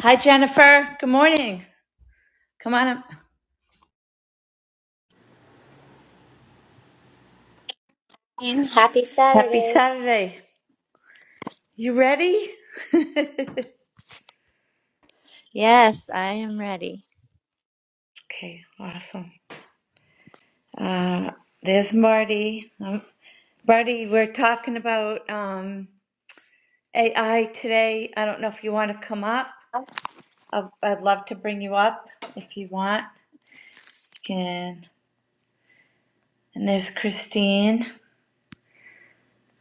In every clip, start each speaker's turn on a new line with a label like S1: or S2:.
S1: Hi, Jennifer. Good morning. Come on up.
S2: And Happy
S1: Happy
S2: Saturday.
S1: Saturday. You ready?
S2: Yes, I am ready.
S1: Okay, awesome. Uh, there's Marty. Um, Marty, we're talking about um, AI today. I don't know if you want to come up. i I'd love to bring you up if you want. You can. And there's Christine.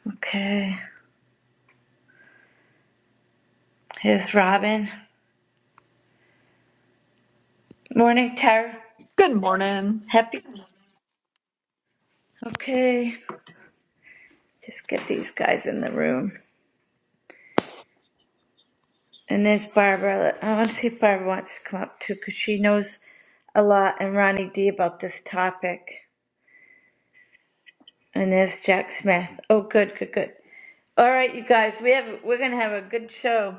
S1: Okay. Here's Robin. Morning, Tara.
S3: Good morning.
S1: Happy. Okay. Just get these guys in the room. And there's Barbara. I want to see if Barbara wants to come up too, because she knows a lot and Ronnie D about this topic. And there's Jack Smith. Oh, good, good, good. All right, you guys, we have we're gonna have a good show.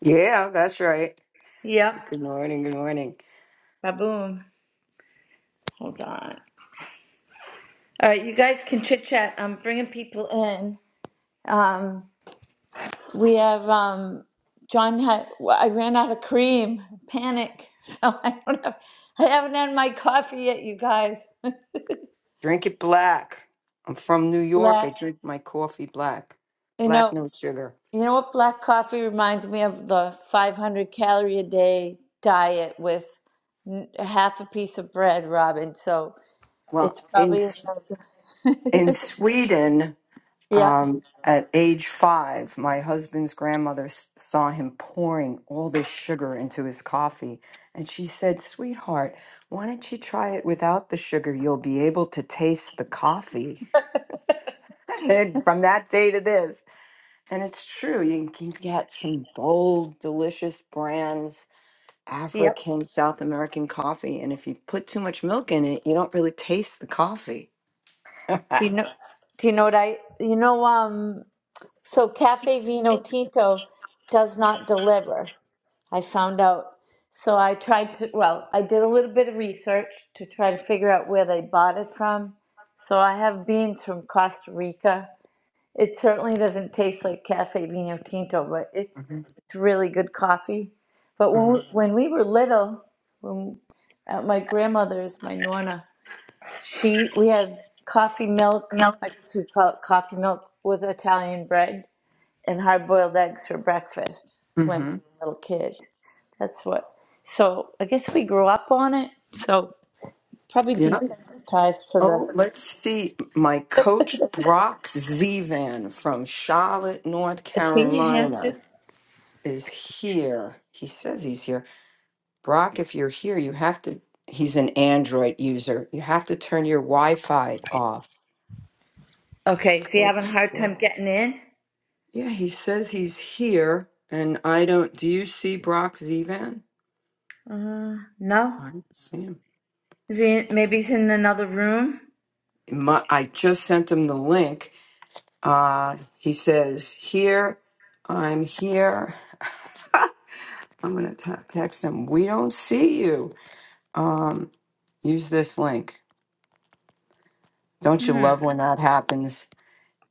S4: Yeah, that's right.
S1: Yep.
S4: Good morning, good morning.
S1: Ba boom. Hold on. All right, you guys can chit chat. I'm bringing people in. Um, we have um, John. Had, well, I ran out of cream. Panic. So I don't have. I haven't had my coffee yet, you guys.
S4: Drink it black. I'm from New York. I
S1: Let
S4: drink my coffee black.
S1: you know.
S4: Black no sugar.
S1: You know what black coffee reminds me of? The 500 calorie a day diet with n- half a piece of bread, Robin. So
S4: Well,
S1: it's
S4: in
S1: probably
S4: S- in
S1: another-
S4: Sweden,
S1: yeah.
S4: um, at age five, my husband's grandmother s- saw him pouring all this sugar into his coffee, and she said, "Sweetheart, why don't you try it without the sugar? You'll be able to taste the coffee." and from that day to this. And it's true. You can get some bold, delicious brands,
S1: Yep.
S4: African, South American coffee. And if you put too much milk in it, you don't really taste the coffee.
S1: Do you know do you know what I you know um so Cafe Vino Tinto does not deliver. I found out. So I tried to well, I did a little bit of research to try to figure out where they bought it from. So I have beans from Costa Rica It certainly doesn't taste like cafe vino tinto, but it's
S4: Mhm,
S1: it's really good coffee. But when
S4: mhm,
S1: we, when we were little, when at my grandmother's, my nonna, she we had coffee milk.
S4: Yep.
S1: I guess we call it coffee milk with Italian bread and hard boiled eggs for breakfast when we
S4: mhm.
S1: were little kids. That's what. So I guess we grew up on it. So probably
S4: Yeah.
S1: desensitized to the.
S4: Oh, let's see. My coach, Brock Zivan from Charlotte, North
S1: Is he
S4: Carolina,
S1: answered?
S4: is here. He says he's here. Brock, if you're here, you have to. He's an Android user. You have to turn your Wi Fi off.
S1: Okay, is he having a
S4: Coach.
S1: hard time
S4: Brock.
S1: getting in?
S4: Yeah, he says he's here, and I don't. Do you see Brock Zivan?
S1: Uh, no.
S4: I don't see him.
S1: Is he in- maybe he's in another room?
S4: My, I just sent him the link. Uh, he says, Here, I'm here. I'm going to t- text him, We don't see you. Um, use this link. Don't you
S1: Hmm.
S4: love when that happens?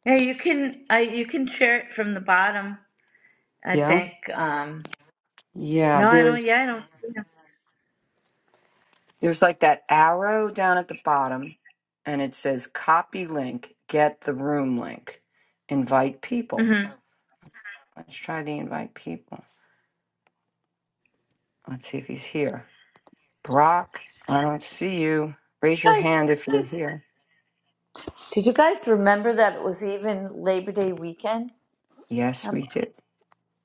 S1: Yeah, you can. I you can share it from the bottom. I
S4: Yeah.
S1: think. Um.
S4: Yeah,
S1: No, I don't.
S4: there's
S1: Yeah, I don't see him.
S4: there's like that arrow down at the bottom and it says copy link, get the room link, invite people.
S1: Mm-hmm.
S4: Let's try to invite people. Let's see if he's here. Brock, I don't see you. Raise your
S1: Guys,
S4: hand if you're here.
S1: did you guys remember that it was even Labor Day weekend?
S4: Yes,
S1: Um,
S4: we did.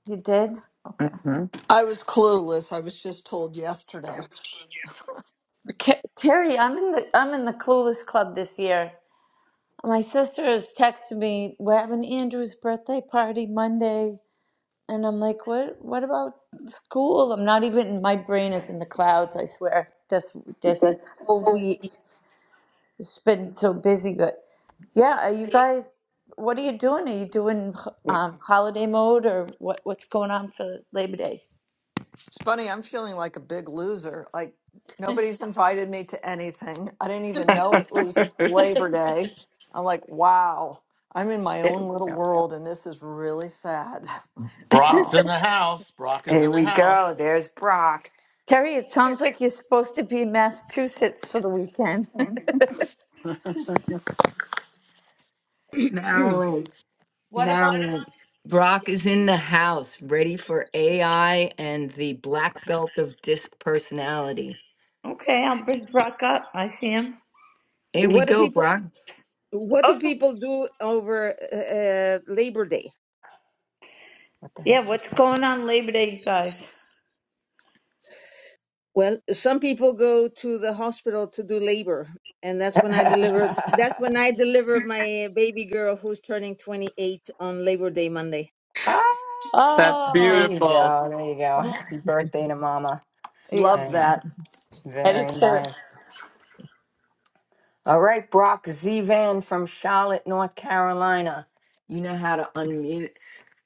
S1: you did. Okay.
S4: Mm-hmm.
S3: I was clueless. I was just told yesterday.
S1: Ca- Terry, I'm in the I'm in the Clueless Club this year. My sister has texted me. We're having Andrew's birthday party Monday. And I'm like, what? What about school? I'm not even. My brain is in the clouds. I swear. This
S4: Because
S1: this whole
S4: before
S1: week
S4: we
S1: has been so busy. But yeah, are you
S4: leave-
S1: guys? What are you doing? Are you doing um, holiday mode or what? What's going on for Labor Day?
S3: It's funny, I'm feeling like a big loser. Like nobody's invited me to anything. I didn't even
S4: there
S3: know it was Labor Day. I'm like, wow, I'm in my own
S4: we
S3: little
S4: go.
S3: world and this is really sad.
S5: Brock's
S4: Oh,
S5: in the house. Brock is
S4: here
S5: in the
S4: we go.
S5: house.
S4: There's Brock.
S1: Terry, it sounds like you're supposed to be in Massachusetts for the weekend.
S4: Okay. Marilyn,
S1: what about?
S4: Marilyn, Brock is in the house, ready for AI and the black belt of disc personality.
S1: Okay, I'll bring Brock up. I see him. He
S4: Here
S1: ca-
S4: we
S6: What do
S4: go,
S6: people
S4: Brock.
S6: What do
S1: Oh
S6: people do over uh, Labor Day?
S4: What the
S1: yeah,
S4: heck just
S1: what's going on Labor Day, you guys?
S6: Well, some people go to the hospital to do labor, and that's when I deliver. That's
S4: happened?
S6: when I deliver my baby girl who's turning 28 on Labor Day Monday.
S4: Ah,
S7: That's
S4: there
S1: Oh
S4: you
S7: beautiful.
S4: go. There you go.
S1: yeah.
S4: Happy birthday to Mama.
S1: yeah.
S3: Love
S4: And
S3: that.
S4: very
S1: editor.
S4: nice. All right, Brock Z Van from Charlotte, North Carolina. You know how to unmute.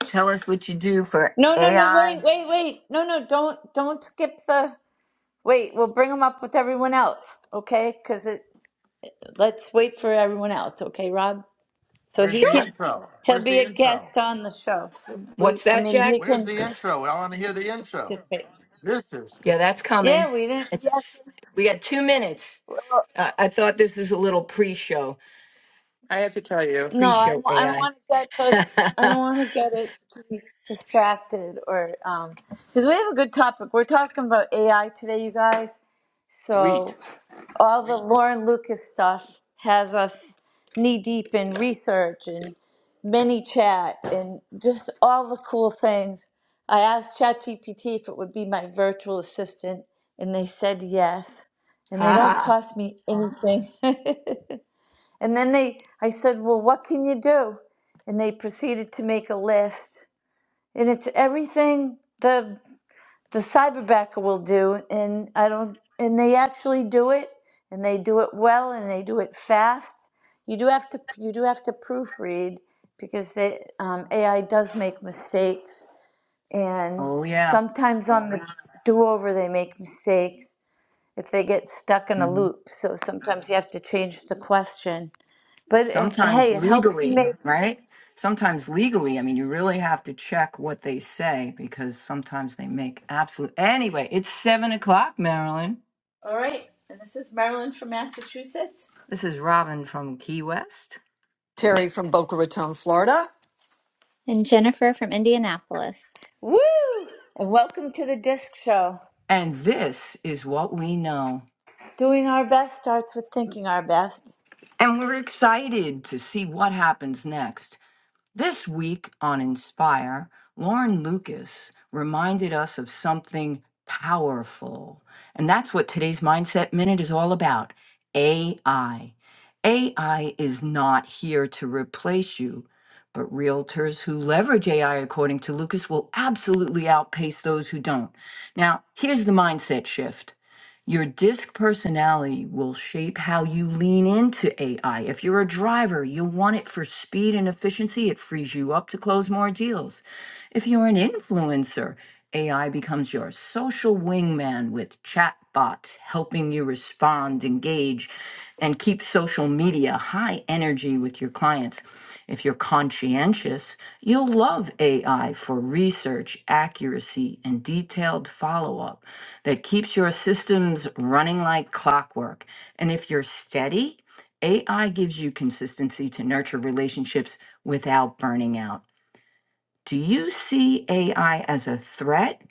S4: Tell us what you do for
S1: No, no, no, wait,
S4: AI.
S1: wait, wait. No, no, don't don't skip the wait, we'll bring them up with everyone else, okay? Cuz it let's wait for everyone else, okay, Rob? So
S5: Where's
S1: he
S5: the
S1: can
S4: Sure.
S5: intro?
S1: he'll
S5: Where's
S1: be
S5: the
S1: a
S5: intro?
S1: guest on the show. We
S4: What's
S1: I
S4: that,
S1: mean, he
S4: Jack?
S5: Where's
S1: can
S5: the intro? I want to hear the intro.
S1: participate.
S5: This is.
S4: Yeah, that's coming.
S1: Yeah, we didn't yes.
S4: It's we got two minutes. Uh, I thought this was a little pre-show,
S7: I have to tell you,
S1: No, I
S4: pre-show
S1: don't I don't
S4: AI.
S1: want to get the I don't
S4: ha
S1: want to get it too distracted or um cuz we have a good topic. We're talking about AI today, you guys.
S7: sweet.
S1: So all the Lauren Lucas stuff has us knee deep in research and mini chat and just all the cool things. I asked ChatGPT if it would be my virtual assistant, and they said yes. And they don't
S4: ha.
S1: cost me anything. and then they, I said, well, what can you do? And they proceeded to make a list. And it's everything. the the cyberbacker will do and i don't and they actually do it and they do it well and they do it fast you do have to you do have to proofread because they, um, ai does make mistakes and
S4: Oh yeah.
S1: sometimes on the do-over they make mistakes if they get stuck in a
S4: Mm-hmm.
S1: loop so sometimes you have to change the question but eh,
S4: sometimes
S1: hey it helps you
S4: legally,
S1: make
S4: right? Sometimes legally, I mean, you really have to check what they say because sometimes they make absolute. Anyway, it's seven o'clock, Marilyn.
S1: all right and this is marilyn from massachusetts
S4: This is Robin from Key West.
S3: Terry from Boca Raton, Florida.
S2: And Jennifer from Indianapolis.
S1: woo and welcome to the disc show
S4: And this is what we know.
S1: Doing our best starts with thinking our best.
S4: And we're excited to see what happens next. This week on Inspire, Lauren Lucas reminded us of something powerful. And that's what today's Mindset Minute is all about AI. AI is not here to replace you, but realtors who leverage AI, according to Lucas, will absolutely outpace those who don't. Now, here's the mindset shift. Your disc personality will shape how you lean into AI. If you're a driver, you want it for speed and efficiency, it frees you up to close more deals. If you're an influencer, AI becomes your social wingman with chatbots helping you respond, engage, and keep social media high energy with your clients. If you're conscientious, you'll love AI for research, accuracy, and detailed follow up that keeps your systems running like clockwork. And if you're steady, AI gives you consistency to nurture relationships without burning out. Do you see AI as a threat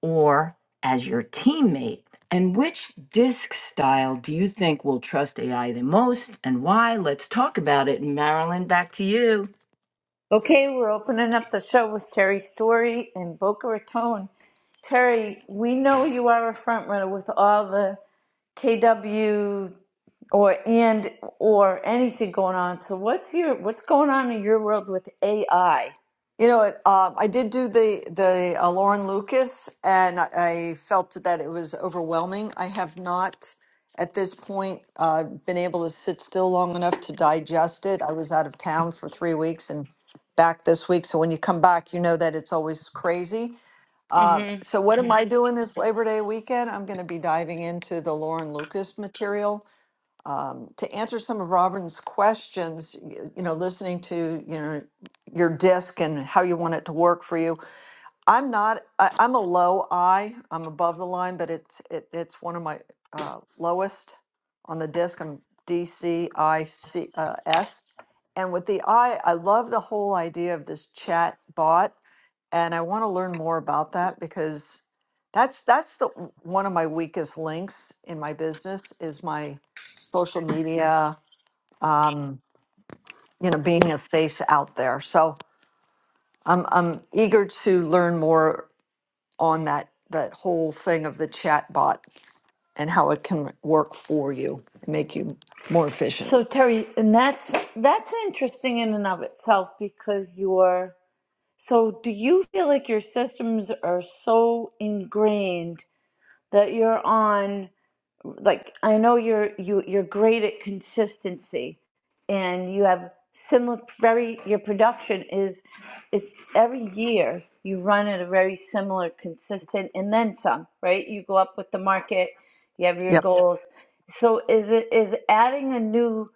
S4: or as your teammate? And which disc style do you think will trust AI the most and why? Let's talk about it. Marilyn, back to you.
S1: Okay, we're opening up the show with Terry Story in Boca Raton. Terry, we know you are a front runner with all the KW or and or anything going on. So what's your what's going on in your world with AI?
S3: You know, it, um, I did do the the uh, Lauren Lucas, and I, I felt that it was overwhelming. I have not, at this point, uh, been able to sit still long enough to digest it. I was out of town for three weeks and back this week, so when you come back, you know that it's always crazy. Uh, so, what
S1: Mm-hmm.
S3: am I doing this Labor Day weekend? I'm going to be diving into the Lauren Lucas material to answer some of Robin's questions, y- you know, listening to, you know, your disc and how you want it to work for you. I'm not, I, I'm a low I, I'm above the line, but it's, it, it's one of my uh, lowest on the disc. I'm DCICS. Uh, S. and with the I, I love the whole idea of this chat bot. And I want to learn more about that because that's, that's the, one of my weakest links in my business is my social media um, you know, being a face out there. So I'm I'm eager to learn more on that that whole thing of the chat bot and how it can work for you and make you more efficient.
S1: So Terry, and that's that's interesting in and of itself because you're so do you feel like your systems are so ingrained that you're on like I know you're you you're great at consistency and you have similar very your production is it's every year you run at a very similar consistent and then some right you go up with the market you have your Yeah.
S3: Yep.
S1: goals so is it is adding a new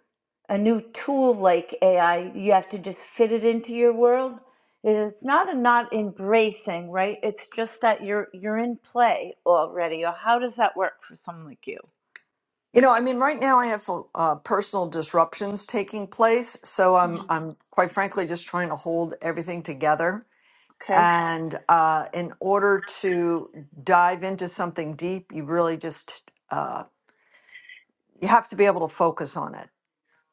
S1: a new tool like AI you have to just fit it into your world is it's not a not embracing right it's just that you're you're in play already or how does that work for someone like you
S3: You know, I mean, right now I have uh, personal disruptions taking place, so I'm I'm quite frankly just trying to hold everything together.
S1: Okay.
S3: And uh, in order to dive into something deep, you really just uh, you have to be able to focus on it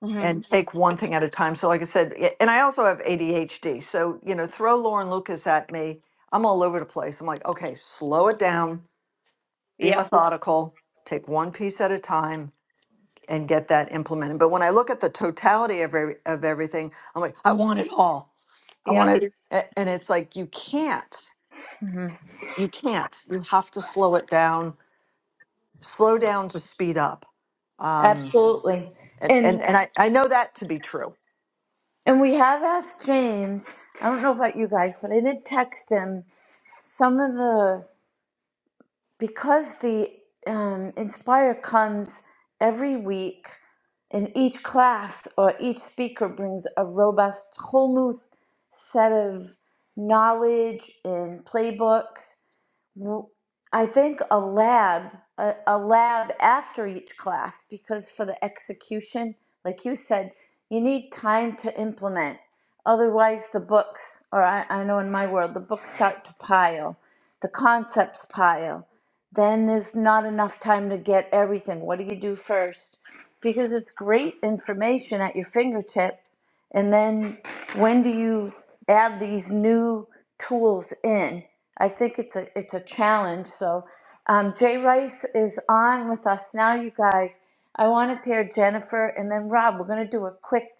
S1: hmm
S3: and take one thing at a time. So, like I said, y- and I also have ADHD. So, you know, throw Lauren Lucas at me. I'm all over the place. I'm like, okay, slow it down, be
S1: Yep.
S3: methodical, take one piece at a time, and get that implemented. But when I look at the totality of, every, of everything, I'm like, I want it all. I want
S1: Yep.
S3: it. a- And it's like, you can't.
S1: hmm
S3: You can't. You have to slow it down, slow down to speed up. Um,
S1: Absolutely.
S3: and, and,
S1: And
S3: and I, I know that to be true
S1: and we have asked James. I don't know about you guys, but I did text him some of the because the um, Inspire comes every week, and each class or each speaker brings a robust, whole new set of knowledge and playbooks Well, I think a lab, a, a lab after each class, because for the execution, like you said, you need time to implement. Otherwise, the books, or I, I know in my world, the books start to pile, the concepts pile. Then there's not enough time to get everything. What do you do first? because it's great information at your fingertips. And then when do you add these new tools in? I think it's a it's a challenge. So um, Jay Rice is on with us now, you guys. I want to hear Jennifer and then Rob. We're gonna do a quick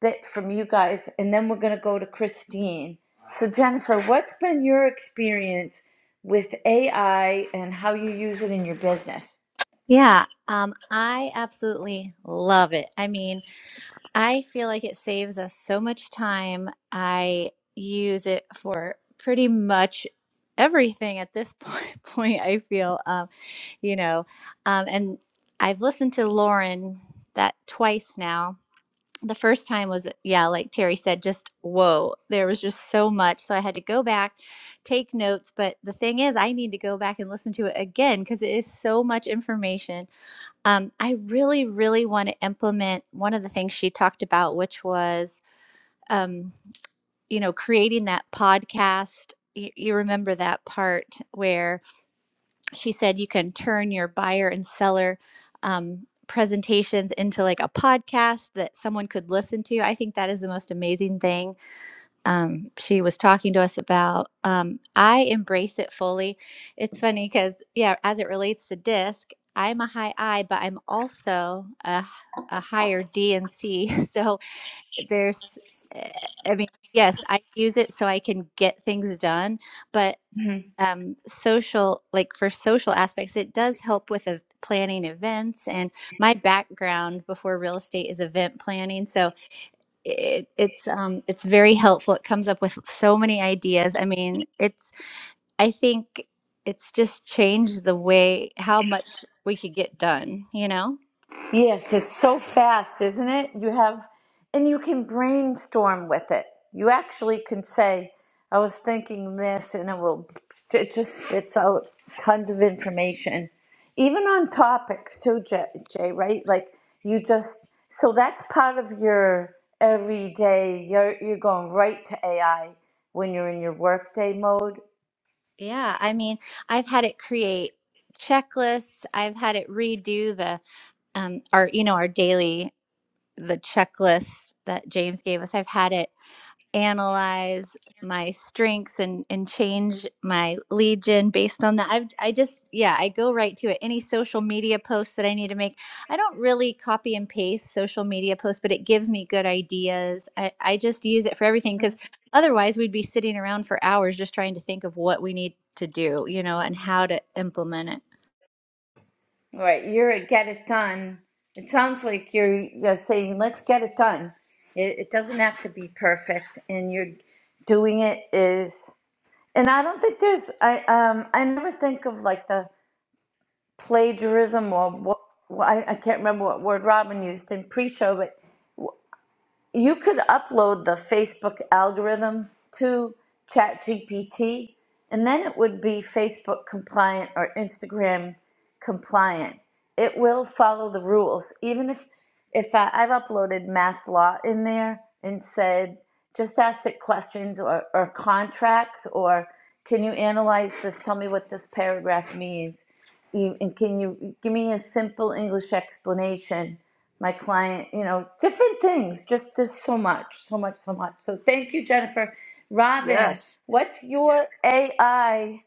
S1: bit from you guys, and then we're gonna go to Christine. So Jennifer, what's been your experience with AI and how you use it in your business?
S2: Yeah, um, I absolutely love it. I mean, I feel like it saves us so much time. I use it for pretty much everything at this point, point I feel, um, you know, um, and I've listened to Lauren that twice now the first time was yeah like terry said just whoa there was just so much so i had to go back take notes but the thing is i need to go back and listen to it again because it is so much information um, i really really want to implement one of the things she talked about which was um, you know creating that podcast you, you remember that part where? she said you can turn your buyer and seller um, presentations into like a podcast that someone could listen to. I think that is the most amazing thing um, she was talking to us about. Um, I embrace it fully. It's funny because, yeah, as it relates to disc, I'm a high I, but I'm also a, a higher D and C. So there's, eh, I mean, yes, I use it so I can get things done but um, social, like for social aspects, it does help with uh, planning events. And my background before real estate is event planning, so it, it's um, it's very helpful. It comes up with so many ideas. I mean, it's I think it's just changed the way how much we could get done. You know?
S1: Yes, it's so fast, isn't it? You have, and you can brainstorm with it. You actually can say, I was thinking this, and it will, it just spits out tons of information. Even on topics too, Jay, Jay, right? Like you just, so that's part of your everyday, you're, you're going right to AI when you're in your workday mode.
S2: Yeah. I mean, I've had it create checklists. I've had it redo the um, our you know our daily the checklist that James gave us. I've had it analyze my strengths and and change my legion based on that i've i just yeah i go right to it any social media posts that i need to make i don't really copy and paste social media posts but it gives me good ideas i i just use it for everything because otherwise we'd be sitting around for hours just trying to think of what we need to do you know and how to implement it
S1: Right, you're a get it done. It sounds like you're you're saying, let's get it done. It, it doesn't have to be perfect, and you're doing it is. And I don't think there's. I um. I never think of like the plagiarism or what. I, I can't remember what word Robin used in pre-show, but you could upload the Facebook algorithm to ChatGPT, and then it would be Facebook compliant or Instagram compliant. It will follow the rules, even if if I, I've uploaded mass law in there and said just ask it questions or, or contracts or can you analyze this? Tell me what this paragraph means, E- and can you give me a simple English explanation? my client, you know, different things. Just just so much, so much, so much. So thank you, Jennifer. Robin,
S4: Yes.
S1: what's your AI?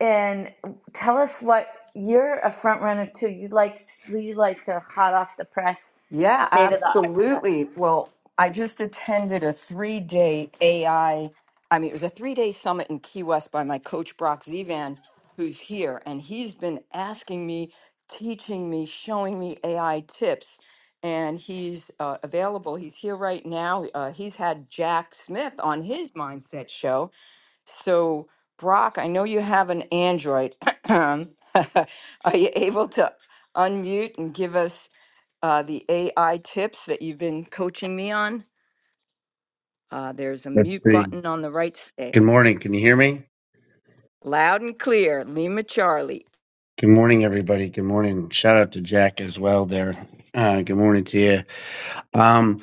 S1: And tell us what you're a front runner to? You like you like the hot off the press,
S4: Yeah,
S1: state of the art stuff.
S4: absolutely. Well, I just attended a three day AI, I I mean, it was a three day summit in Key West by my coach, Brock Zivan, who's here. And he's been asking me, teaching me, showing me AI tips. And he's uh, available. He's here right now. Uh, he's had Jack Smith on his mindset show. So, Brock, I know you have an Android. Are you able to unmute and give us? uh, the AI tips that you've been coaching me on. Uh, there's a
S8: Let's
S4: mute
S8: see.
S4: button on the right. Stay
S8: Good morning. Can you hear me?
S4: loud and clear, Lima Charlie.
S8: Good morning, everybody. Good morning. Shout out to Jack as well there. Uh, good morning to you. Um,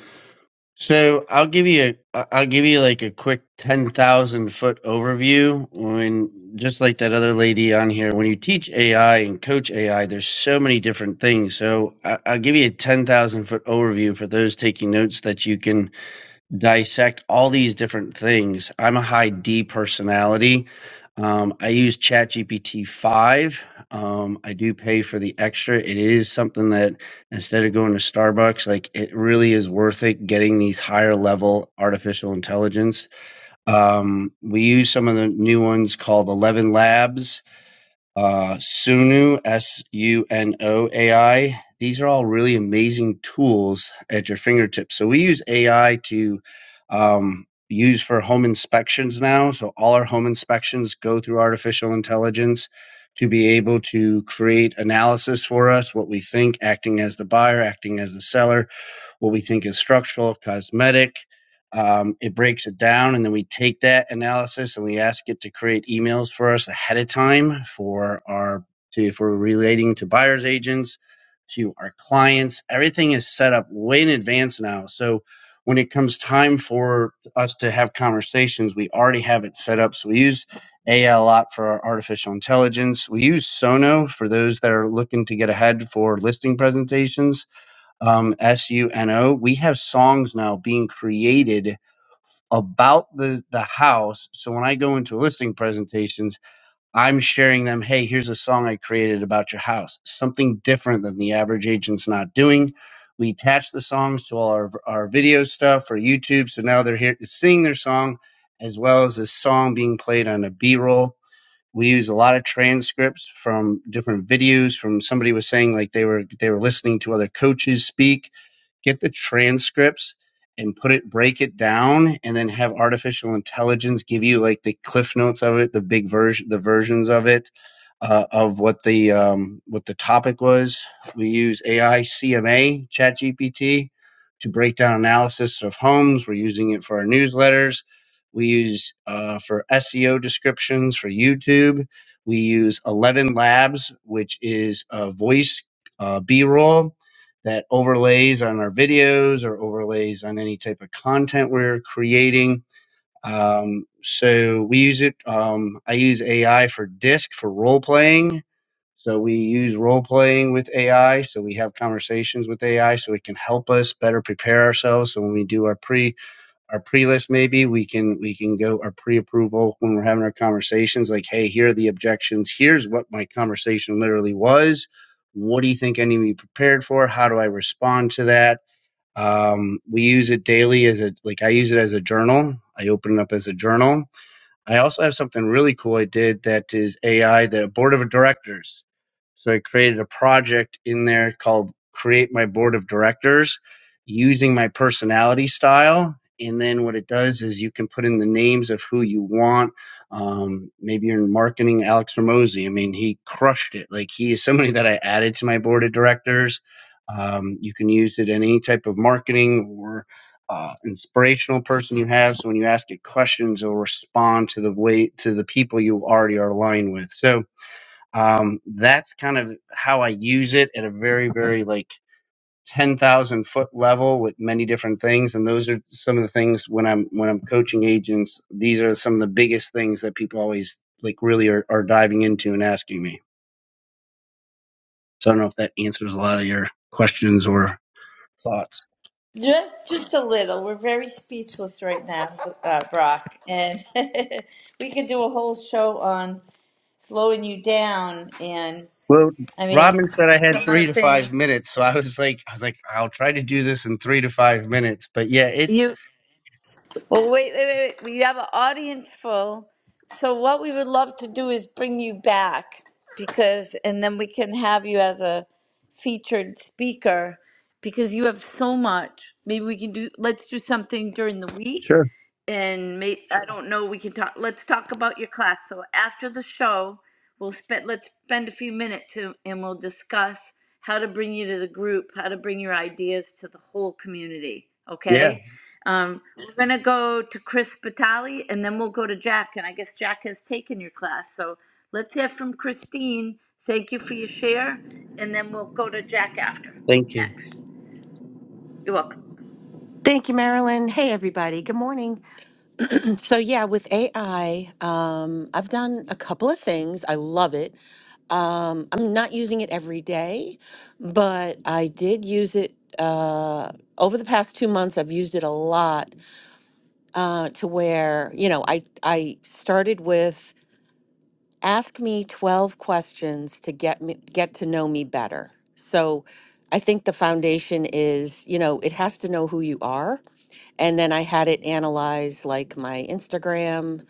S8: so I'll give you a I- I'll give you like a quick 10,000 foot overview when, just like that other lady on here, when you teach AI and coach AI, there's so many different things. So I, I'll give you a 10,000 foot overview for those taking notes that you can dissect all these different things. I'm a high D personality. Um, I use ChatGPT 5. Um, I do pay for the extra. It is something that instead of going to Starbucks, like it really is worth it getting these higher level artificial intelligence. Um, we use some of the new ones called 11 Labs uh, Sunu, S U N O AI. These are all really amazing tools at your fingertips. So we use AI to um, use for home inspections now. So all our home inspections go through artificial intelligence to be able to create analysis for us, what we think, acting as the buyer, acting as the seller, what we think is structural, cosmetic. Um, it breaks it down, and then we take that analysis and we ask it to create emails for us ahead of time for our to if we're relating to buyers agents, to our clients. Everything is set up way in advance now. So when it comes time for us to have conversations, we already have it set up. So we use AI a lot for our artificial intelligence. We use Sono for those that are looking to get ahead for listing presentations um, S U N O. We have songs now being created about the the house. So when I go into listing presentations, I'm sharing them. Hey, here's a song I created about your house. Something different than the average agent's not doing. We attach the songs to all our our video stuff for YouTube. So now they're here seeing their song, as well as this song being played on a B-roll. We use a lot of transcripts from different videos. From somebody was saying like they were they were listening to other coaches speak get the transcripts and put it break it down and then have artificial intelligence give you like the cliff notes of it the big version the versions of it uh, of what the um, what the topic was we use ai cma chat to break down analysis of homes we're using it for our newsletters we use uh, for seo descriptions for youtube we use 11 labs which is a voice uh, b-roll that overlays on our videos or overlays on any type of content we're creating. Um, so we use it. Um, I use AI for disc for role playing. So we use role playing with AI. So we have conversations with AI so it can help us better prepare ourselves. So when we do our pre our pre-list maybe we can we can go our pre-approval when we're having our conversations like hey here are the objections here's what my conversation literally was what do you think i need to be prepared for how do i respond to that um, we use it daily as a like i use it as a journal i open it up as a journal I also have something really cool I did that is AI, the board of directors. So I created a project in there called Create My Board of Directors using my personality style. And then what it does is you can put in the names of who you want. Um, maybe you're in marketing, Alex Ramosi. I mean, he crushed it. Like he is somebody that I added to my board of directors. Um, you can use it in any type of marketing or uh, inspirational person you have. So when you ask it questions, it'll respond to the way to the people you already are aligned with. So um, that's kind of how I use it at a very, very like ten thousand foot level with many different things. And those are some of the things when I'm when I'm coaching agents. These are some of the biggest things that people always like really are, are diving into and asking me. So I don't know if that answers a lot of your questions or thoughts.
S1: Just, just a little. We're very speechless right now, uh, Brock, and we could do a whole show on slowing you down. And
S8: Well,
S1: I mean,
S8: Rodman said I had
S1: some of the
S8: three to
S1: things.
S8: five minutes, so I was like, I was like, I'll try to do this in three to five minutes. But yeah, it's
S1: you Well, wait, wait, wait, wait. We have an audience full. So what we would love to do is bring you back because, and then we can have you as a featured speaker because you have so much. Maybe we can do, let's do something during the week
S8: sure.
S1: and may, I don't know, we can talk, let's talk about your class. So after the show, we'll spend, let's spend a few minutes to, and we'll discuss how to bring you to the group, how to bring your ideas to the whole community,
S8: Yeah,
S1: okay? Um, we're gonna go to Chris Batali and then we'll go to Jack, and I guess Jack has taken your class, so let's hear from Christine. Thank you for your share, and then we'll go to Jack after,
S8: thank you.
S1: next. You're welcome.
S9: Thank you, Marilyn. Hey, everybody. Good morning. So, yeah, with AI, um, I've done a couple of things. I love it. Um, I'm not using it every day, but I did use it uh, over the past two months. I've used it a lot uh, to where, you know, I, I started with ask me 12 questions to get me get to know me better so i think the foundation is you know it has to know who you are and then i had it analyze like my instagram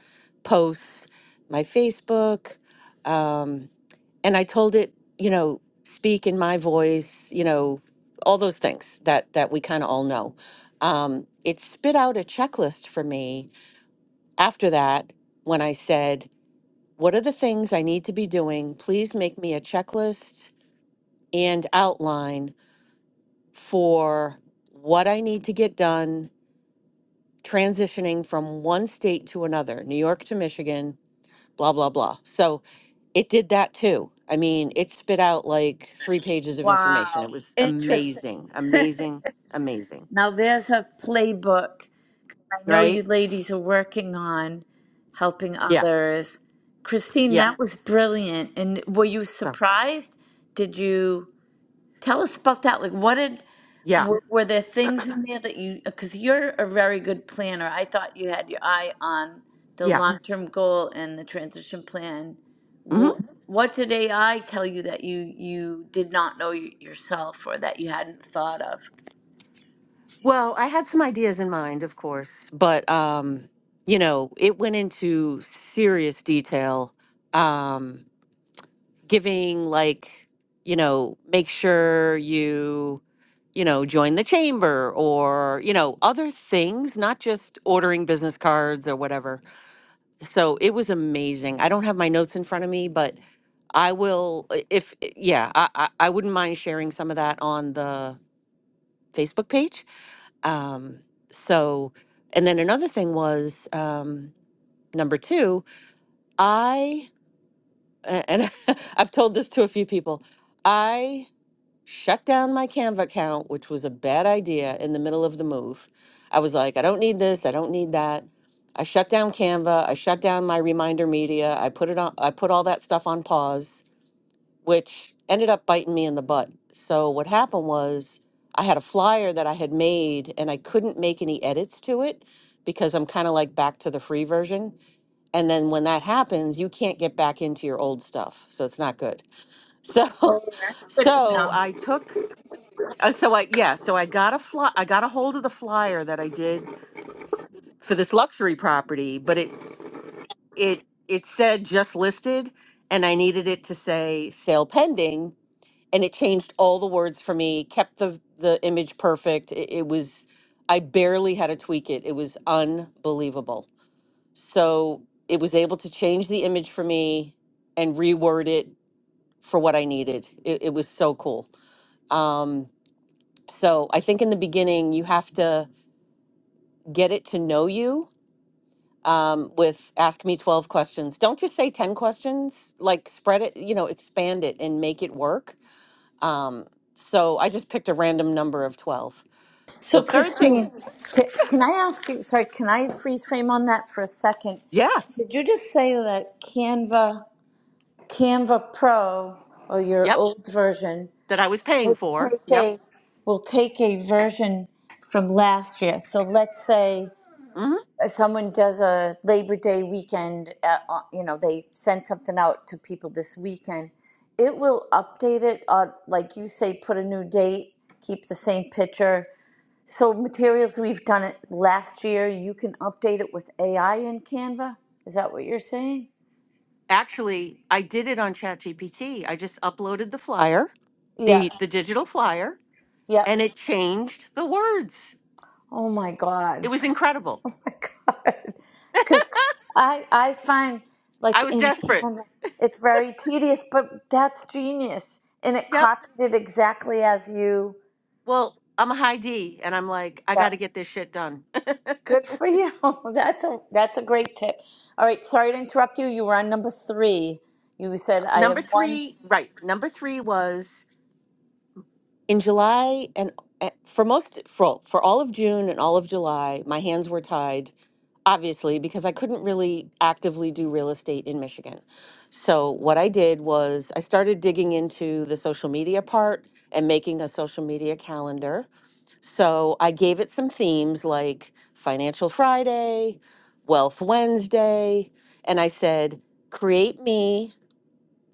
S9: posts my facebook um, and i told it you know speak in my voice you know all those things that that we kind of all know um, it spit out a checklist for me after that when i said what are the things I need to be doing? Please make me a checklist and outline for what I need to get done transitioning from one state to another, New York to Michigan, blah, blah, blah. So it did that too. I mean, it spit out like three pages of information.
S1: Wow,
S9: It was
S1: interesting.
S9: amazing, amazing, amazing,
S1: Now, there's a playbook I know you
S9: right?
S1: ladies are working on helping
S9: Yeah,
S1: others. Christine,
S9: yeah.
S1: that was brilliant. And were you
S9: So,
S1: surprised? Did you tell us about that? Like, what did,
S9: yeah,
S1: were, were there things in there that you, because you're a very good planner. I thought you had your eye on the
S9: yeah.
S1: long term goal and the transition plan.
S9: mhm.
S1: Wh- What did AI tell you that you you did not know y- yourself or that you hadn't thought of?
S9: Well, I had some ideas in mind, of course, but um, you know, it went into serious detail, um, giving like, you know, make sure you, you know, join the chamber or, you know, other things, not just ordering business cards or whatever. So it was amazing. I don't have my notes in front of me, but I will, if, yeah, I, I, I wouldn't mind sharing some of that on the Facebook page um, so, and then another thing was um, number two, I, a- and I've told this to a few people, I shut down my Canva account, which was a bad idea in the middle of the move. I was like, I don't need this, I don't need that. I shut down Canva, I shut down my reminder media, I put it on, I put all that stuff on pause which ended up biting me in the butt. So what happened was I had a flyer that I had made and I couldn't make any edits to it because I'm kind of like back to the free version. And then when that happens, you can't get back into your old stuff. So it's not good. So
S1: Oh, that's good to
S9: so
S1: know.
S9: I took uh, so I yeah, so I got a fly I got a hold of the flyer that I did for this luxury property, but it it it said just listed and I needed it to say sale pending and it changed all the words for me kept the the image perfect it, it was i barely had to tweak it it was unbelievable so it was able to change the image for me and reword it for what i needed it, it was so cool um, so i think in the beginning you have to get it to know you um, with ask me 12 questions don't just say 10 questions like spread it you know expand it and make it work um, so i just picked a random number of 12 The
S1: So,
S9: third thing,
S1: Christine, c- can I ask you? Sorry, can I freeze frame on that for a second?
S9: yeah,
S1: Did you just say that Canva, Canva Pro, or your
S9: yep,
S1: old version,
S9: that I was paying
S1: will
S9: for.
S1: take
S9: Yep.
S1: a will take a version from last year? So, let's say
S9: hmm
S1: uh, someone does a Labor Day weekend. At, uh, you know, they send something out to people this weekend. It will update it, uh, like you say, put a new date, keep the same picture so materials we've done it last year, you can update it with AI in Canva? Is that what you're saying?
S9: Actually, I did it on ChatGPT. I just uploaded the flyer,
S1: Yep.
S9: the the digital flyer, and
S1: Yep.
S9: it changed the words.
S1: Oh my
S9: It
S1: God.
S9: was incredible.
S1: Oh my God. Because I I find like
S9: I was
S1: in
S9: desperate.
S1: Canva it's very tedious, but that's genius. And it
S9: Yep.
S1: copied it exactly as you
S9: Well, I'm a high D and I'm like, I got
S1: Yep.
S9: to get this shit done.
S1: Good for you. That's a that's a great tip. All right, sorry to interrupt you. You were on number three. You said I
S9: Number
S1: have one.
S9: 3, right. Number 3 was in July and eh, for most for, for all of June and all of July, my hands were tied obviously, because I couldn't really actively do real estate in Michigan. So, what I did was I started digging into the social media part and making a social media calendar. So, I gave it some themes like Financial Friday, Wealth Wednesday, and I said, create me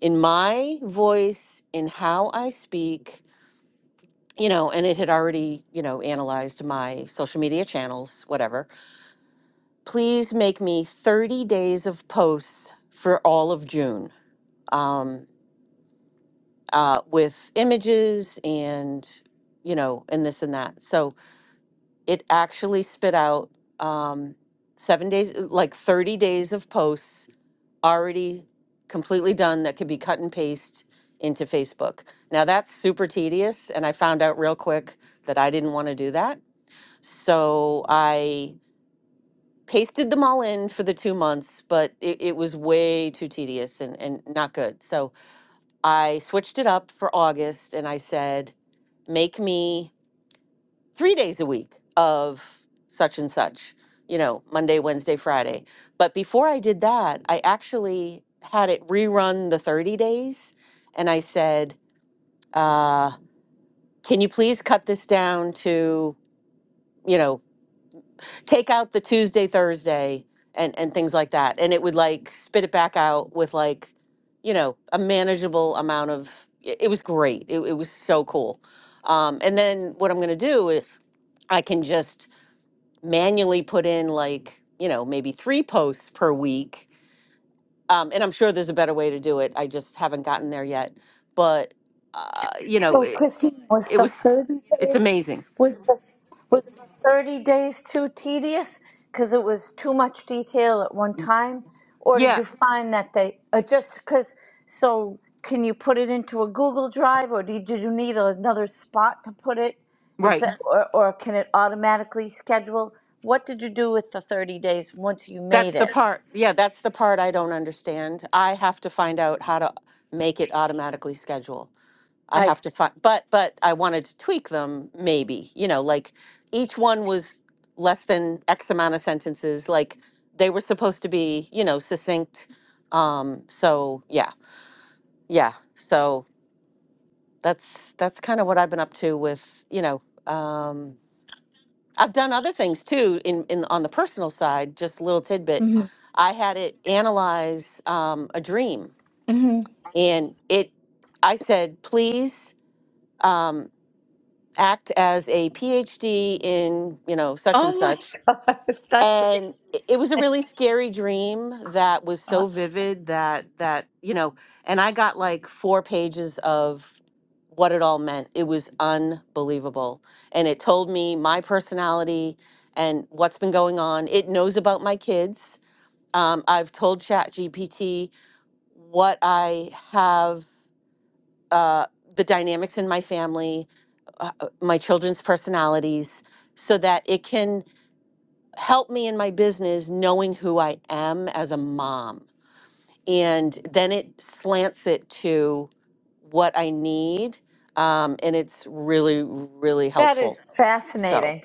S9: in my voice, in how I speak. You know, and it had already, you know, analyzed my social media channels, whatever please make me 30 days of posts for all of June um, uh, with images and, you know, and this and that. So it actually spit out um, seven days, like 30 days of posts already completely done that could be cut and paste into Facebook. Now that's super tedious. And I found out real quick that I didn't want to do that. So I pasted them all in for the two months, but it, it was way too tedious and, and not good. So I switched it up for August and I said, make me three days a week of such and such, you know, Monday, Wednesday, Friday. But before I did that, I actually had it rerun the 30 days and I said, uh, can you please cut this down to, you know, take out the Tuesday, Thursday, and and things like that, and it would like spit it back out with like, you know, a manageable amount of. It, it was great. It, it was so cool. Um, and then what I'm gonna do is I can just manually put in like you know maybe three posts per week. Um, and I'm sure there's a better way to do it. I just haven't gotten there yet. But uh, you know,
S1: So
S9: it,
S1: Christine, was
S9: it
S1: the
S9: was
S1: thirty
S9: it's
S1: days
S9: amazing.
S1: was the was the thirty days too tedious because it was too much detail at one time, or did
S9: Yeah,
S1: you find that they uh, just because? So can you put it into a Google Drive, or did you need another spot to put it? Is
S9: right.
S1: that or, or can it automatically schedule? What did you do with the thirty days once you made
S9: That's the
S1: it?
S9: part, yeah, that's the part I don't understand. I have to find out how to make it automatically schedule. I
S1: I.
S9: have to find, but, but I wanted to tweak them, maybe, you know, like each one was less than X amount of sentences, like they were supposed to be, you know, succinct. Um, so yeah, yeah. So that's, that's kind of what I've been up to with, you know, um, I've done other things too in, in on the personal side, just a little tidbit. I had it analyze um, a dream
S1: Mm-hmm.
S9: and it I said, please um, act as a PhD in, you know, such and
S1: Oh my
S9: such
S1: God, that's
S9: and
S1: amazing.
S9: it it was a really scary dream that was so vivid that that you know and i got like four pages of what it all meant it was unbelievable and it told me my personality and what's been going on it knows about my kids um, i've told chat gpt what i have uh, the dynamics in my family uh, uh, my children's personalities so that it can help me in my business knowing who I am as a mom. And then it slants it to what I need. Um, and it's really, really
S1: That is
S9: helpful. So,
S1: fascinating.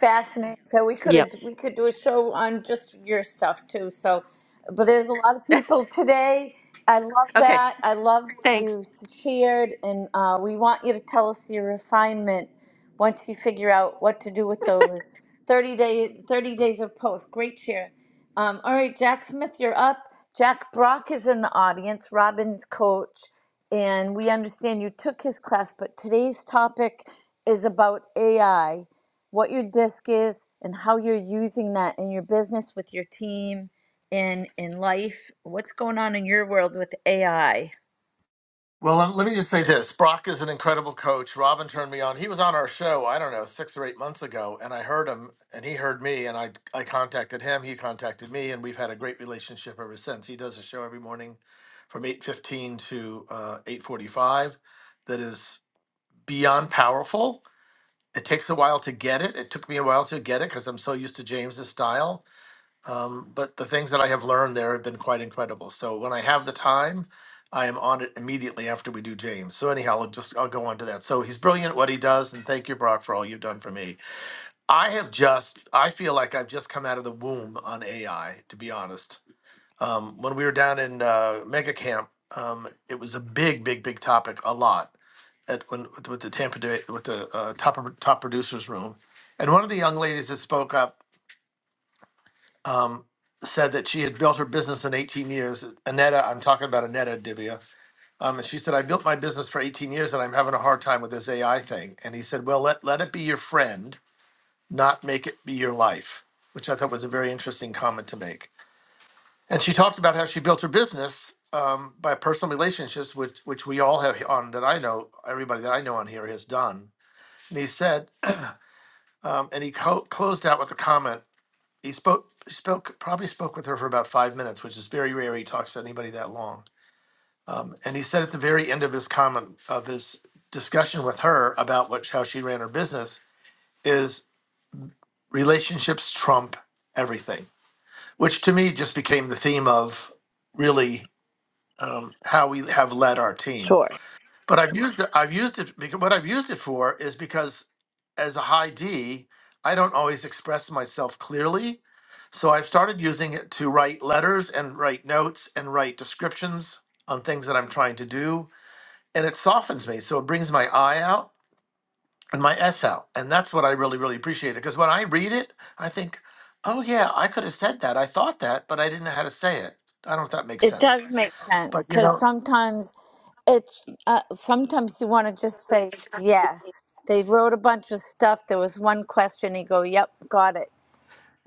S1: Fascinating. So we could have,
S9: yep.
S1: we could do a show on just your stuff too. So, but there's a lot of people today. I love
S9: Okay.
S1: that. I love what
S9: Thanks.
S1: you shared, and uh, we want you to tell us your refinement once you figure out what to do with those 30 day 30 days of post great share um, all right jack smith you're up jack brock is in the audience robin's coach and we understand you took his class but today's topic is about ai what your disc is and how you're using that in your business with your team in in life what's going on in your world with ai
S5: Well, um, let me just say this. Brock is an incredible coach. Robin turned me on. He was on our show, I don't know, six or eight months ago, and I heard him and he heard me, and I, I contacted him. He contacted me, and we've had a great relationship ever since. He does a show every morning from 8.15 to uh, 8.45 that is beyond powerful it takes a while to get it. It took me a while to get it because I'm so used to James's style. Um, but the things that I have learned there have been quite incredible. So when I have the time, I am on it immediately after we do James. So anyhow, I'll just I'll go on to that. So he's brilliant at what he does, and thank you, Brock, for all you've done for me. I have just I feel like I've just come out of the womb on AI, to be honest. Um, when we were down in uh, Mega Camp, um, it was a big, big, big topic, a lot at when with, with the Tampa Day with the uh, top top producers room, and one of the young ladies that spoke up um, said that she had built her business in 18 years. Aneta, I'm talking about Aneta Divya, um, and she said I built my business for 18 years and I'm having a hard time with this AI thing. And he said, well, let let it be your friend, not make it be your life, which I thought was a very interesting comment to make. And she talked about how she built her business. Um, by personal relationships, which which we all have on that I know, everybody that I know on here has done, and he said Um, and he co- closed out with a comment. He spoke, he spoke, probably spoke with her for about five minutes, which is very rare. He talks to anybody that long. Um, and he said at the very end of his comment of his discussion with her about what how she ran her business is relationships trump everything, which to me just became the theme of really um, how we have led our team
S1: Sure.
S5: But I've used it. I've used it because what I've used it for is because as a high D, I don't always express myself clearly. So I've started using it to write letters and write notes and write descriptions on things that I'm trying to do. And it softens me. So it brings my I out and my S out. And that's what I really, really appreciate it. Because when I read it, I think, oh, yeah, I could have said that. I thought that, but I didn't know how to say it. I don't know if that makes
S1: It
S5: sense.
S1: does make sense
S5: But, you know,
S1: because sometimes it's uh, sometimes you want to just say yes. They wrote a bunch of stuff. There was one question. You go, "Yep, got it."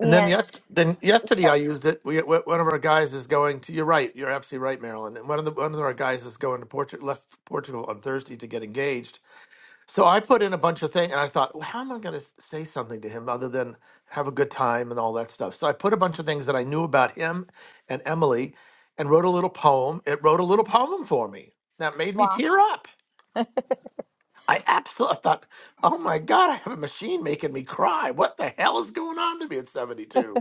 S5: And then yes, then yesterday
S1: yeah,
S5: I used it. We we- one of our guys is going to. You're right. You're absolutely right, Marilyn. And one of the one of our guys is going to Portugal. Left Portugal on Thursday to get engaged. So I put in a bunch of things, and I thought, well, how am I going to say something to him other than have a good time and all that stuff? So I put a bunch of things that I knew about him and Emily, and wrote a little poem. It wrote a little poem for me that made me
S1: well,
S5: tear up. I absolutely thought, oh my god, I have a machine making me cry. What the hell is going on to me at 72?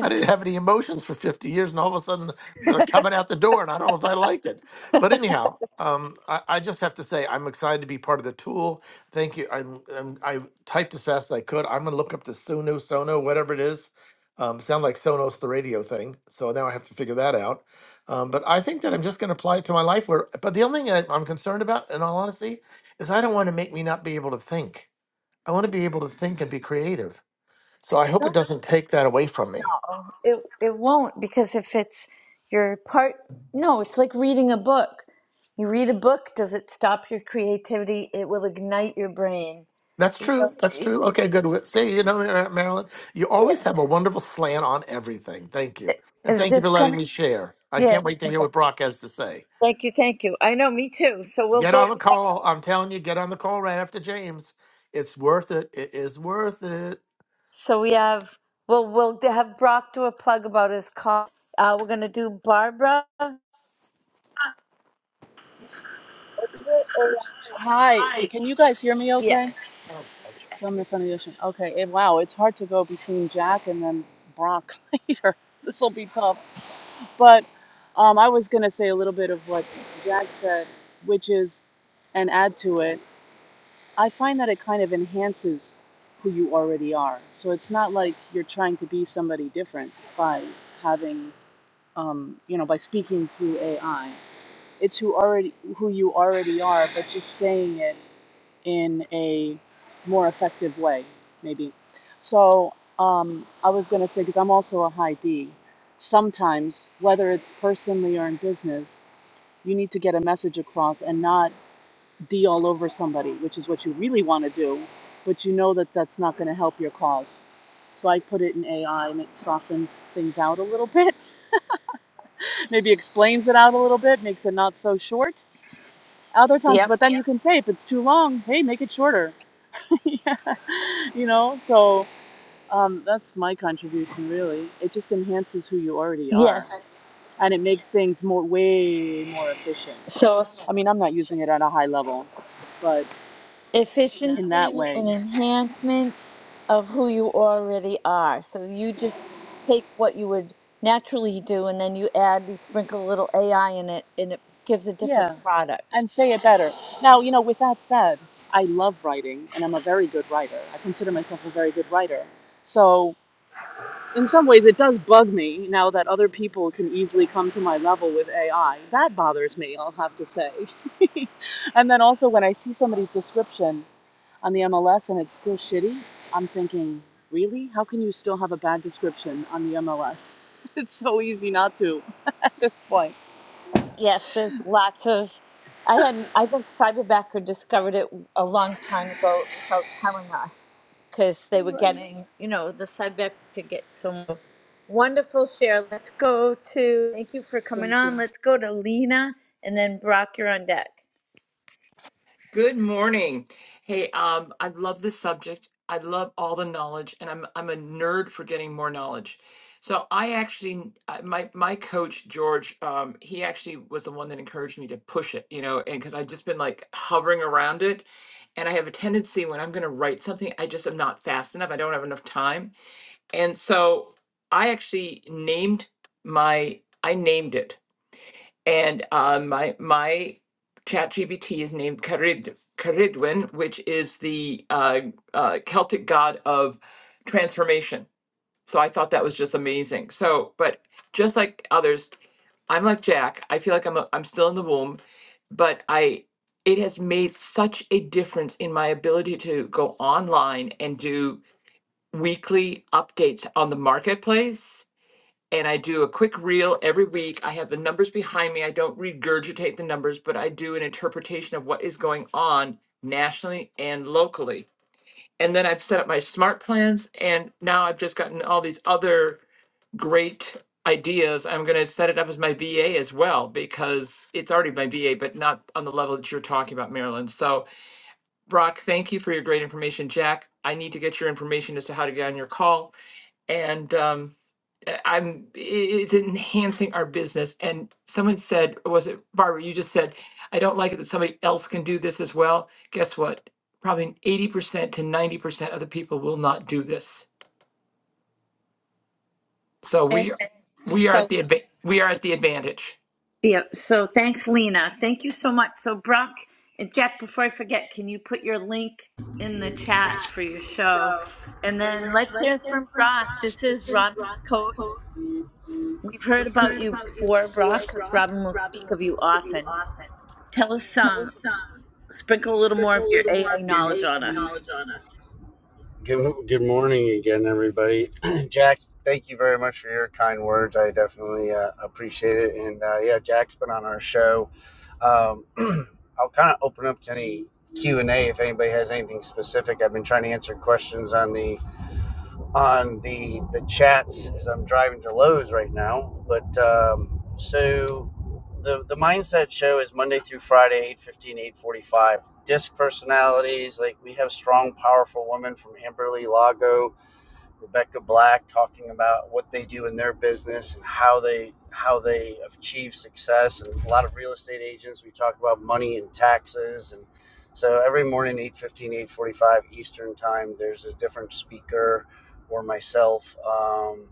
S5: I didn't have any emotions for 50 years, and all of a sudden they're coming out the door, and I don't know if I liked it. But anyhow, um, I, I just have to say I'm excited to be part of the tool. Thank you. I'm, I'm I typed as fast as I could. I'm gonna look up the Suno Sono, whatever it is. Um, sound like Sonos, the radio thing. So now I have to figure that out. Um, but I think that I'm just gonna apply it to my life. Where, but the only thing I, I'm concerned about, in all honesty, is I don't want to make me not be able to think. I want to be able to think and be creative. So I hope it
S1: so-
S5: doesn't take that away from me.
S1: no, it it won't because if it's your part, no, it's like reading a book. You read a book. Does it stop your creativity? It will ignite your brain.
S5: That's
S1: You know,
S5: true. That's true.
S1: you-
S5: Okay,
S1: it-
S5: good. Well,
S1: it's just
S5: See, you know, Mar- Marilyn, you always
S1: yeah,
S5: have a wonderful slant on everything. Thank you. And
S1: it's
S5: thank you for
S1: just
S5: letting
S1: coming.
S5: me share. I
S1: Yeah,
S5: can't wait to
S1: it's
S5: hear what Brock has to say.
S1: Thank you, thank you. I know, me too. So we'll
S5: Get
S1: go
S5: on
S1: to.
S5: the call. I'm telling you, get on the call right after James. It's worth it. It is worth it.
S1: So we have, well, we'll have Brock do a plug about his call. Uh, we're gonna do Barbara. What's your AI?
S10: Oops. Hi.
S5: Hi.
S10: Can you guys hear me okay?
S1: Yes.
S10: So I'm in front of the ocean. Okay. It, wow, it's hard to go between Jack and then Brock later. This will be tough. But um, I was going to say a little bit of what Jack said, which is, and add to it, I find that it kind of enhances who you already are. So it's not like you're trying to be somebody different by having, um, you know, by speaking through AI. It's who already who you already are, but just saying it in a more effective way, maybe. So um, I was going to say, because I'm also a high D, sometimes, whether it's personally or in business, you need to get a message across and not D all over somebody, which is what you really want to do, but you know that that's not going to help your cause. So I put it in AI and it softens things out a little bit, maybe explains it out a little bit, makes it not so short other times
S1: Yep.
S10: but then Yeah. you can say if it's too long hey make it shorter yeah. you know so um, that's my contribution really it just enhances who you already are
S1: Yes.
S10: and it makes things more way more efficient
S1: So
S10: i mean i'm not using it at a high level but in
S1: efficiency
S10: that way
S1: and enhancement of who you already are. So you just take what you would naturally do, and then you add, you sprinkle a little AI in it, and it gives a
S10: yeah
S1: different product.
S10: and say it better now you know with that said i love writing and i'm a very good writer i consider myself a very good writer so in some ways it does bug me now that other people can easily come to my level with AI. That bothers me, I'll have to say. and then also when I see somebody's description on the MLS and it's still shitty, I'm thinking, really? How can you still have a bad description on the MLS? It's so easy not to at this point.
S1: Yes, there's lots of. I had. I think Cyberbacker discovered it a long time ago without telling us, because they
S10: All
S1: were
S10: right.
S1: getting. You know, the Cyberbackers could get some wonderful share. Let's go to. Thank you for coming
S10: Thank you.
S1: on. Let's go to Lena, and then Brock, you're on deck.
S7: Good morning. Hey, um, I love this subject. I love all the knowledge, and I'm I'm a nerd for getting more knowledge. So I actually, I- my my coach George, um, he actually was the one that encouraged me to push it, you know, and because I've just been like hovering around it, and I have a tendency when I'm going to write something, I just am not fast enough. I don't have enough time, and so I actually named my I named it. and uh, my my ChatGPT is named Carid, caridwen which is the uh, uh, celtic god of transformation so i thought that was just amazing so but just like others i'm like jack i feel like i'm, a, I'm still in the womb but i it has made such a difference in my ability to go online and do weekly updates on the marketplace and I do a quick reel every week. I have the numbers behind me. I don't regurgitate the numbers, but I do an interpretation of what is going on nationally and locally. And then I've set up my smart plans, and now I've just gotten all these other great ideas. I'm going to set it up as my VA as well because it's already my VA, but not on the level that you're talking about, Marilyn. So, Brock, thank you for your great information. Jack, I need to get your information as to how to get on your call. And um, uh, I'm it's enhancing our business. And someone said, was it Barbara? You just said, I don't like it that somebody else can do this as well. Guess what? Probably 80% to 90% of the people will not do this. So
S1: Okay.
S7: we we are at
S1: So
S7: the adva- we are at the advantage.
S1: Yeah, so thanks, Lena. Thank you so much. So, Brock and Jack, before I forget, can you put your link in the chat for your show? And then let's hear from Brock. This is Robin's coach. We've heard about you before, Brock, because Robin will speak of you often. Tell us some, sprinkle a little more of your AI knowledge on us.
S8: Good, good morning again, everybody. Jack, thank you very much for your kind words. I definitely uh, appreciate it. And uh, yeah, Jack's been on our show. Um, I'll kind of open up to any Q and A if anybody has anything specific. I've been trying to answer questions on the on the the chats as I'm driving to Lowe's right now. But um, so the the mindset show is Monday through Friday, eight fifteen, eight forty-five. Disc personalities, like we have strong, powerful women from Amberley Lago Rebecca Black talking about what they do in their business and how they how they achieve success and a lot of real estate agents we talk about money and taxes and so every morning eight fifteen, eight forty five eastern time there's a different speaker or myself um,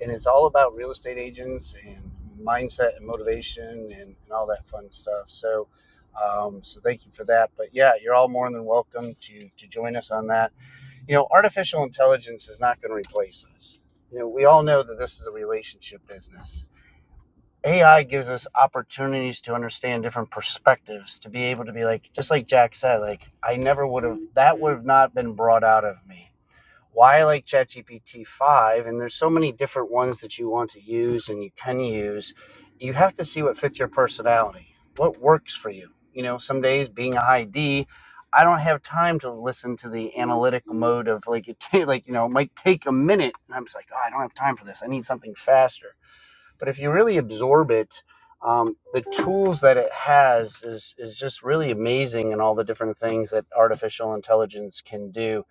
S8: and it's all about real estate agents and mindset and motivation and, and all that fun stuff so um, so thank you for that but yeah you're all more than welcome to to join us on that you know, artificial intelligence is not going to replace us. You know, we all know that this is a relationship business. AI gives us opportunities to understand different perspectives, to be able to be like, just like Jack said, like, I never would have, that would have not been brought out of me why I like ChatGPT 5, and there's so many different ones that you want to use and you can use, you have to see what fits your personality, what works for you. You know, some days being a high D, I don't have time to listen to the analytical mode of like it ta- like you know it might take a minute and I'm just like oh, I don't have time for this I need something faster but if you really absorb it um, the tools that it has is is just really amazing and all the different things that artificial intelligence can do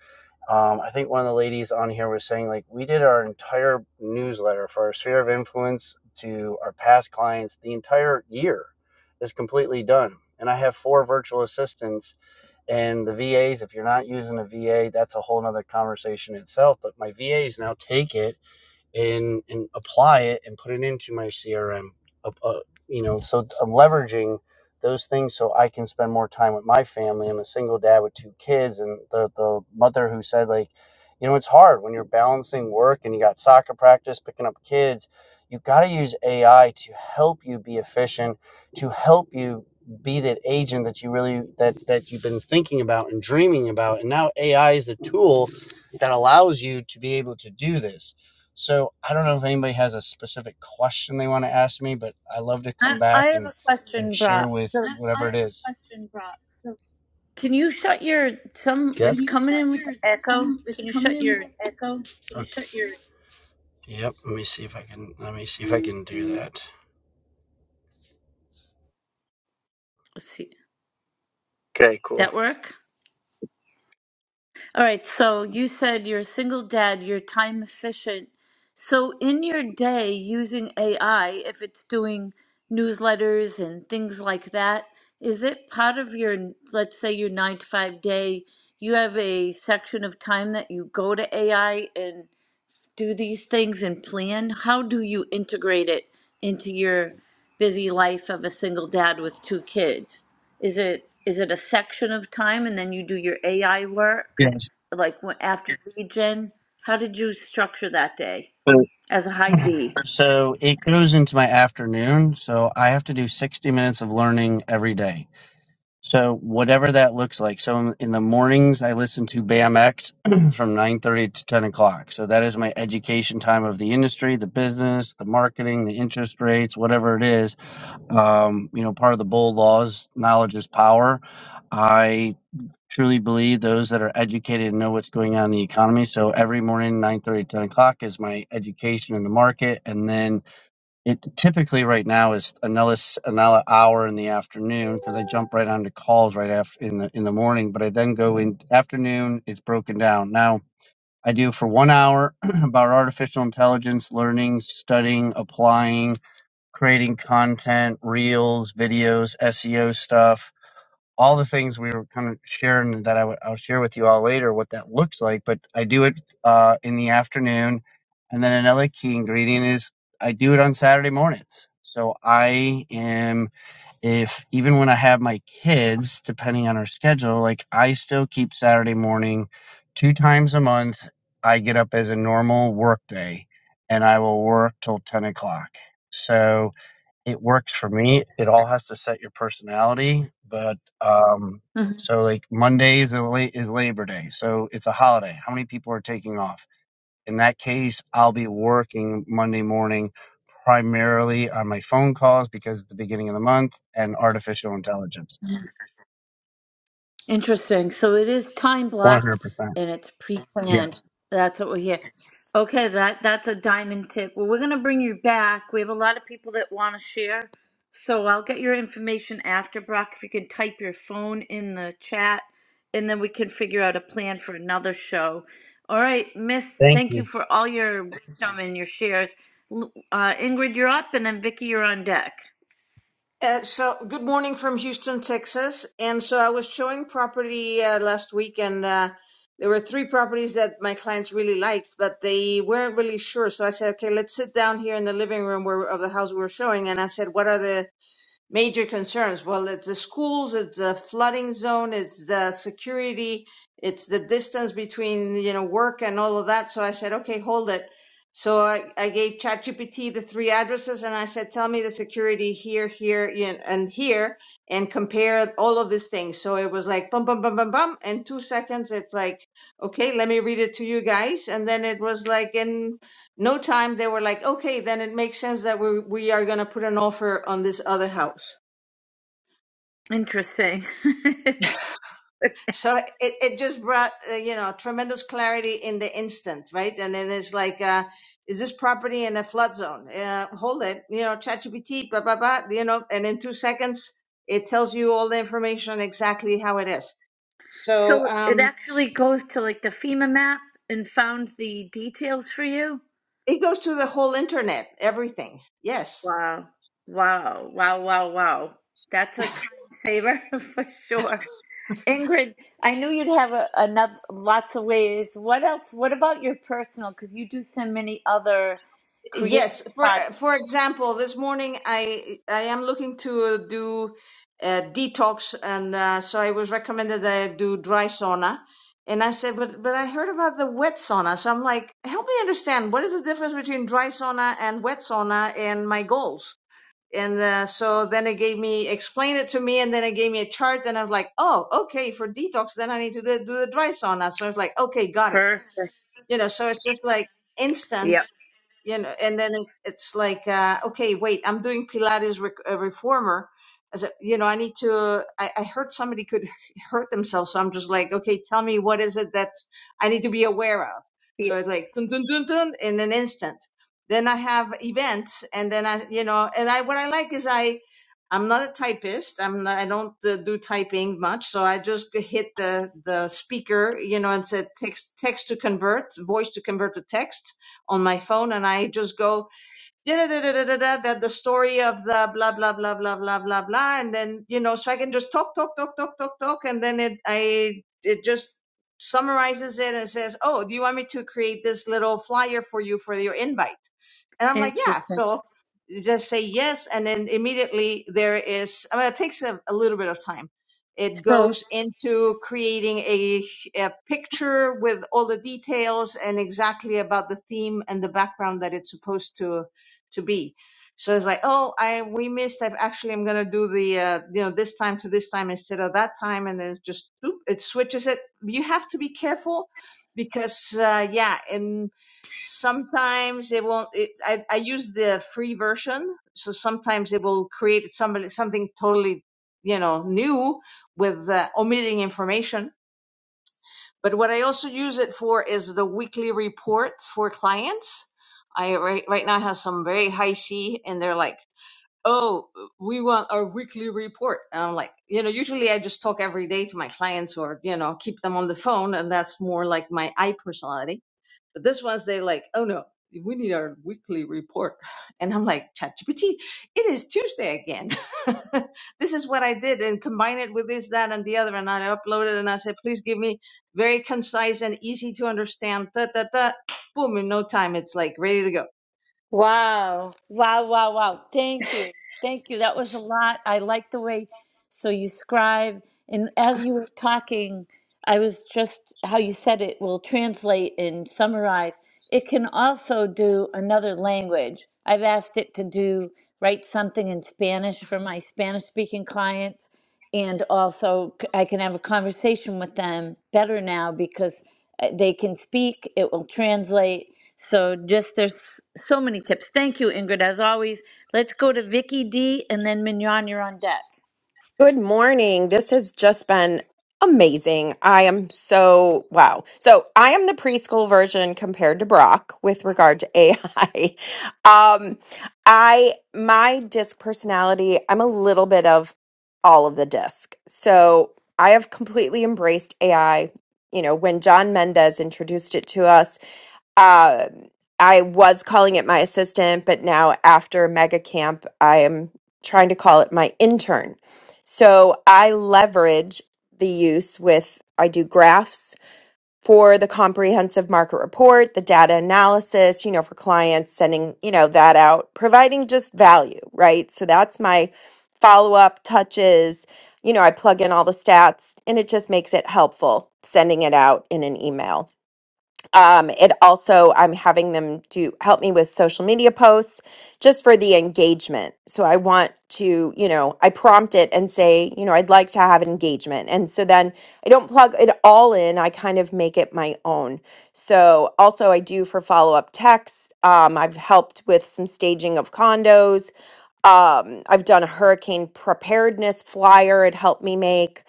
S8: um, I think one of the ladies on here was saying, like, we did our entire newsletter for our sphere of influence to our past clients. The entire year is completely done. And I have four virtual assistants and the VAs. If you're not using a VA, that's a whole nother conversation itself. But my VAs now take it and and apply it and put it into my crm uh, uh, you know so i'm leveraging those things so i can spend more time with my family i'm a single dad with two kids and the the mother who said like you know it's hard when you're balancing work and you got soccer practice picking up kids you got to use ai to help you be efficient to help you be that agent that you really that that you've been thinking about and dreaming about and now ai is the tool that allows you to be able to do this so I don't know if anybody has a specific question they want to ask me, but I love to
S1: I,
S8: come
S1: I
S8: back
S1: have
S8: and
S1: a
S8: and
S1: question,
S8: share
S1: Brock.
S8: with
S1: So,
S8: whatever I it is. have a
S1: can you shut your some?
S8: Yes.
S1: It's
S8: Can
S1: coming in with echo. Can you shut
S8: can
S1: your?
S8: You okay. Yep. Let me see if I can. Let me see if I can do that.
S1: Let's see.
S8: Okay. Cool.
S1: That work? All right, so you said you're a single dad, you're time efficient. So in your day using AI, if it's doing newsletters and things like that, is it part of your, let's say your nine to five day, you have a section of time that you go to AI and do these things and plan? How do you integrate it into your busy life of a single dad with two kids? Is it is it a section of time and then you do your AI work,
S8: Yes.
S1: like wh- after Yes. gen? How did you structure that day
S8: So,
S1: as a high D?
S8: so it goes into my afternoon. So I have to do 60 minutes of learning every day. So whatever that looks like. So in the mornings, I listen to BAM X from 9:30 to 10 o'clock. So that is my education time of the industry, the business, the marketing, the interest rates, whatever it is. Um, you know, part of the bold laws, knowledge is power. I truly believe those that are educated know what's going on in the economy. So every morning, 9:30 to 10 o'clock is my education in the market, and then it typically right now is another another hour in the afternoon because I jump right onto calls right after in the in the morning. But I then go in afternoon. It's broken down now. I do for one hour about artificial intelligence, learning, studying, applying, creating content, reels, videos, SEO stuff all the things we were kind of sharing that I will share with you all later what that looks like. But I do it uh, in the afternoon, and then another key ingredient is I do it on Saturday mornings. So I am if even when I have my kids, depending on our schedule, like I still keep Saturday morning two times a month. I get up as a normal work day and I will work till 10 o'clock. So, it works for me. It all has to set your personality, but um,
S1: Mm-hmm.
S8: so like Monday is, la- is Labor Day, so it's a holiday. How many people are taking off? In that case, I'll be working Monday morning primarily on my phone calls because it's the beginning of the month and artificial intelligence.
S1: Interesting. So it is time
S8: One hundred
S1: blocked
S8: percent.
S1: and it's pre-planned.
S8: Yes.
S1: That's what we hear. Okay, that that's a diamond tip. Well, we're gonna bring you back. We have a lot of people that want to share, so I'll get your information after Brock. If you can type your phone in the chat, and then we can figure out a plan for another show. All right, Miss.
S8: Thank
S1: Thank
S8: you.
S1: you for all your wisdom and your shares. L- Uh, Ingrid, you're up, and then Vicky, you're on deck.
S6: Uh, so, good morning from Houston, Texas. And so, I was showing property uh, last week, and uh, there were three properties that my clients really liked, but they weren't really sure. So I said, okay, let's sit down here in the living room where, of the house we were showing, and I said, what are the major concerns. Well, it's the schools, it's the flooding zone, it's the security, it's the distance between, you know, work and all of that. So I said, okay, hold it. So I, I gave ChatGPT the three addresses and I said, tell me the security here, here, and here, and compare all of these things. So it was like bum, bum, bum, bum, bum. In two seconds, it's like, okay, let me read it to you guys. And then it was like in no time they were like okay then it makes sense that we we are going to put an offer on this other house
S1: Interesting.
S6: so it, it just brought uh, you know tremendous clarity in the instant right and then it's like uh is this property in a flood zone uh, hold it you know ChatGPT, blah blah blah you know and in two seconds it tells you all the information exactly how it is so
S1: So it
S6: um
S1: actually goes to like the FEMA map and found the details for you?
S6: it goes to the whole internet everything yes
S1: Wow. Wow. Wow. Wow. Wow. That's a time saver for sure. Ingrid, I knew you'd have a, another lots of ways. What else? What about your personal? Because you do so many other creative
S6: Yes, for
S1: projects.
S6: for example, this morning I I am looking to do a detox, and uh, so I was recommended that I do dry sauna, and I said, but but I heard about the wet sauna, so I'm like, help me understand what is the difference between dry sauna and wet sauna, and my goals. And uh, so then it gave me explain it to me, and then it gave me a chart, and I was like, oh, okay, for detox, then I need to do, do the dry sauna. So I was like, okay, got it.
S1: Perfect.
S6: You know, so it's just like instant
S1: Yep.
S6: you know and then it's like uh, okay wait i'm doing pilates rec- uh, reformer as a, you know i need to I, I heard somebody could hurt themselves so i'm just like okay tell me what is it that i need to be aware of
S1: Yeah.
S6: so it's like dun, dun, dun, dun, in an instant then i have events and then i you know and i what i like is i i'm not a typist i'm not, i don't uh, do typing much so i just hit the the speaker you know and said text text to convert voice to convert to text on my phone and I just go da-da-da-da-da-da, that the story of the blah blah blah blah blah blah blah and then you know so i can just talk talk talk talk talk talk and then it i it just summarizes it and says oh do you want me to create this little flyer for you for your invite and i'm like yeah
S1: Interesting.
S6: so you just say yes and then immediately there is i mean it takes a, a little bit of time it
S1: So
S6: goes into creating a, a picture with all the details and exactly about the theme and the background that it's supposed to to be. So it's like, oh, I we missed. I've actually I'm gonna do the uh, you know this time to this time instead of that time, and then just boop, it switches it. You have to be careful because uh, yeah, and sometimes it won't. It, I I use the free version, so sometimes it will create somebody something totally you know new with uh, omitting information but what I also use it for is the weekly reports for clients. I right, right now have some very high C and they're like, Oh, we want our weekly report. And I'm like, you know, usually I just talk every day to my clients or, you know, keep them on the phone. And that's more like my I personality but this one's they like, oh no, we need our weekly report. And I'm like, ChatGPT, it is Tuesday again. this is what I did and combine it with this, that, and the other. And I uploaded and I said, please give me very concise and easy to understand. Da, da, da. Boom, in no time, it's like ready to go.
S1: Wow. Wow, wow, wow. Thank you. Thank you. That was a lot. I like the way so you scribe and as you were talking, I was just how you said it will translate and summarize. It can also do another language. I've asked it to do write something in Spanish for my Spanish speaking clients and also c- I can have a conversation with them better now because uh, they can speak, it will translate. So just there's so many tips. Thank you, Ingrid, as always. Let's go to Vicky D and then Mignon, you're on deck.
S11: Good morning. This has just been amazing. I am so wow. So I am the preschool version compared to Brock with regard to AI. Um, I my disc personality. I'm a little bit of all of the disc. So I have completely embraced AI. You know, when John Mendez introduced it to us, uh, I was calling it my assistant, but now after Mega Camp, I am trying to call it my intern so I leverage the use with, I do graphs for the comprehensive market report, the data analysis, you know, for clients, sending, you know, that out, providing just value, right? So that's my follow up touches. You know, I plug in all the stats and it just makes it helpful sending it out in an email. Um, it also, I'm having them do help me with social media posts just for the engagement. So I want to, you know, I prompt it and say, you know, I'd like to have an engagement. And so then I don't plug it all in, I kind of make it my own. So also, I do for follow up texts. Um, I've helped with some staging of condos um i've done a hurricane preparedness flyer it helped me make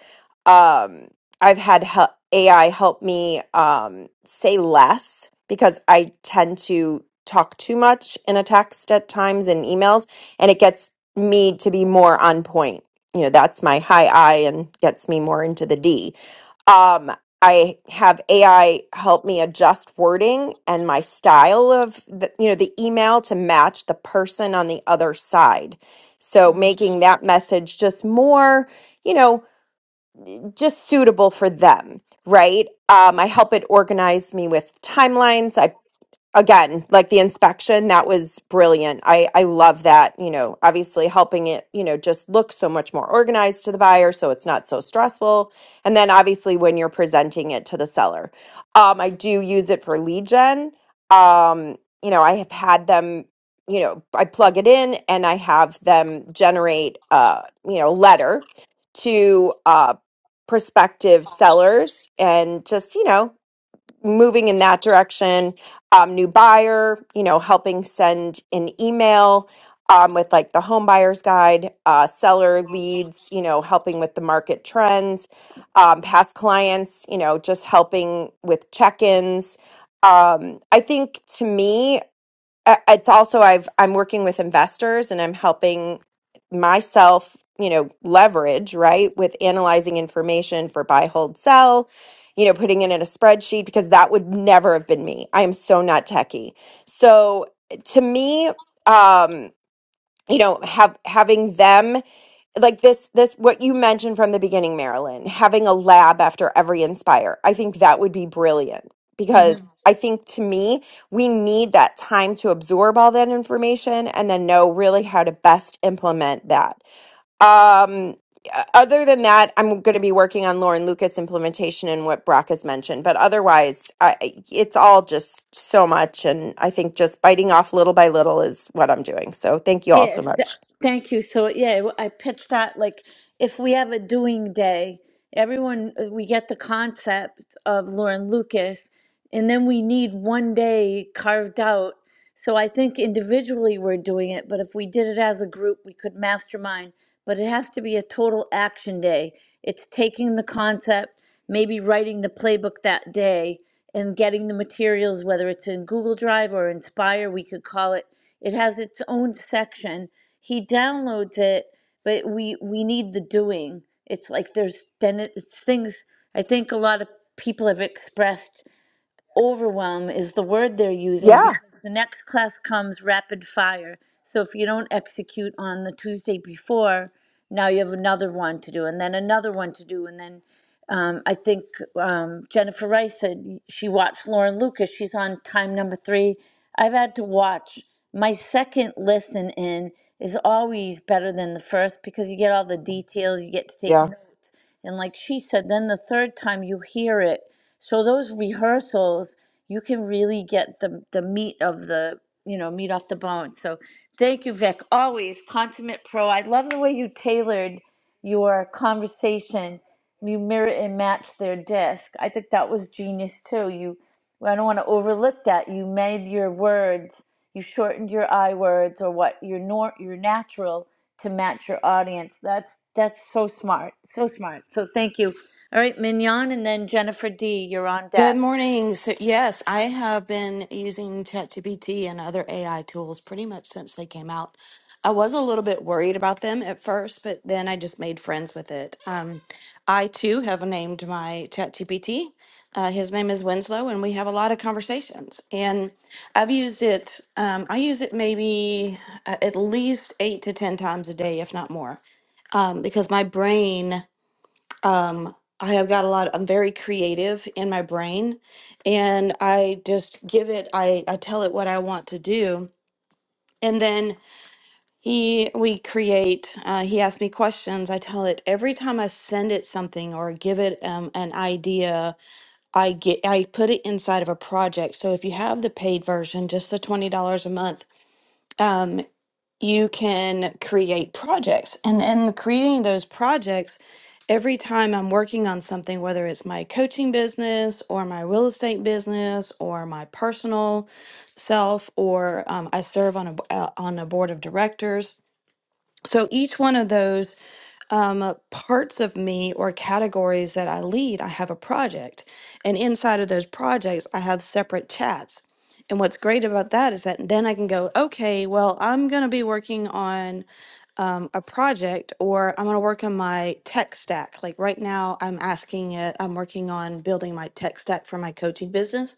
S11: um i've had hel- ai help me um say less because i tend to talk too much in a text at times in emails and it gets me to be more on point you know that's my high i and gets me more into the d um i have ai help me adjust wording and my style of the, you know the email to match the person on the other side so making that message just more you know just suitable for them right um, i help it organize me with timelines I again like the inspection that was brilliant i i love that you know obviously helping it you know just look so much more organized to the buyer so it's not so stressful and then obviously when you're presenting it to the seller um i do use it for lead gen um you know i have had them you know i plug it in and i have them generate uh you know letter to uh prospective sellers and just you know moving in that direction um, new buyer you know helping send an email um, with like the home buyers guide uh, seller leads you know helping with the market trends um, past clients you know just helping with check-ins um, i think to me I- it's also I've I'm working with investors and I'm helping myself, you know, leverage, right, with analyzing information for buy, hold, sell, you know, putting it in a spreadsheet because that would never have been me. I am so not techie. So to me, um, you know, have having them like this this what you mentioned from the beginning marilyn having a lab after every inspire i think that would be brilliant
S1: Mhm.
S11: because i think to me we need that time to absorb all that information and then know really how to best implement that um uh, other than that i'm going to be working on lauren lucas implementation and what brock has mentioned but otherwise I, I- it's all just so much and i think just biting off little by little is what i'm doing so thank you all so
S1: Yes, th-
S11: much
S1: thank you. So yeah, w- I pitched that like if we have a doing day, everyone uh, we get the concept of Lauren Lucas, and then we need one day carved out. So I think individually we're doing it, but if we did it as a group, we could mastermind. But it has to be a total action day. It's taking the concept maybe writing the playbook that day and getting the materials, whether it's in Google Drive or Inspire, we could call it. It has its own section. He downloads it, but we we need the doing. It's like there's then it- it's things. I think a lot of people have expressed overwhelm is the word they're using
S11: yeah
S1: because the next class comes rapid fire. So if you don't execute on the Tuesday before, now you have another one to do and then another one to do and then um, I think um, Jennifer Rice said she watched Lauren Lucas. She's on time number three. I've had to watch. My second listen in is always better than the first because you get all the details, you get to take
S11: yeah
S1: notes. And like she said, then the third time you hear it. So those rehearsals, you can really get the, the meat of the, you know, meat off the bone. So thank you, Vic. Always consummate pro. I love the way you tailored your conversation you mirror and match their disc. I think that was genius too. You, I don't want to overlook that. You made your words, you shortened your I words or what your nor your natural to match your audience. That's that's so smart, so smart. So thank you. All right, Mignon, and then Jennifer D. You're on
S12: Good
S1: deck.
S12: morning. So, yes, I have been using ChatGPT and other AI tools pretty much since they came out. I was a little bit worried about them at first, but then I just made friends with it. Um, I too have named my ChatGPT. Uh, his name is Winslow, and we have a lot of conversations. And I've used it, um, I use it maybe uh, at least eight to 10 times a day, if not more, um, because my brain. I have got a lot, I'm very creative in my brain and I just give it, I, I tell it what I want to do. And then he, we create, uh, he asks me questions. I tell it every time I send it something or give it um, an idea, I get, I put it inside of a project. So if you have the paid version, just the $20 a month, you can create projects. And then creating those projects, every time I'm working on something, whether it's my coaching business or my real estate business or my personal self, or um, I serve on a, b- uh, on a board of directors. So each one of those um, uh, parts of me or categories that I lead, I have a project. And inside of those projects, I have separate chats. And what's great about that is that then I can go, okay, well, I'm going to be working on a project or I'm going to work on my tech stack. Like right now, I'm asking it, I'm working on building my tech stack for my coaching business.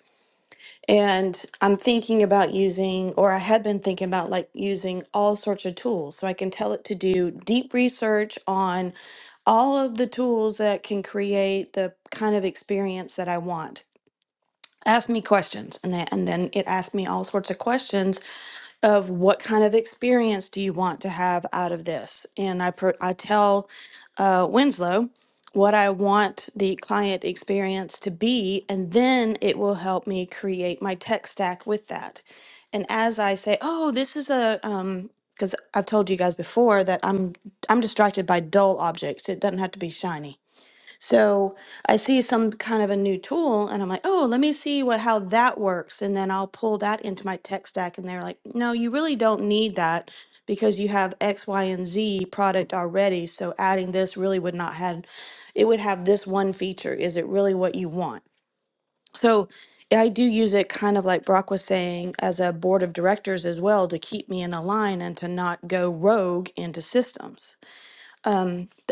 S12: And I'm thinking about using, or I had been thinking about like using all sorts of tools. So I can tell it to do deep research on all of the tools that can create the kind of experience that I want. Ask me questions, and then and then it asked me all sorts of questions of what kind of experience do you want to have out of this, and I pro- I tell uh, Winslow what I want the client experience to be, and then it will help me create my tech stack with that. And as I say, oh, this is a um, because I've told you guys before that I'm I'm distracted by dull objects. It doesn't have to be shiny. So I see some kind of a new tool and I'm like, oh, let me see what how that works. And then I'll pull that into my tech stack. And they're like, no, you really don't need that because you have X, Y, and Z product already. So adding this really would not have it would have this one feature. Is it really what you want? So I do use it kind of like Brock was saying as a board of directors as well to keep me in the line and to not go rogue into systems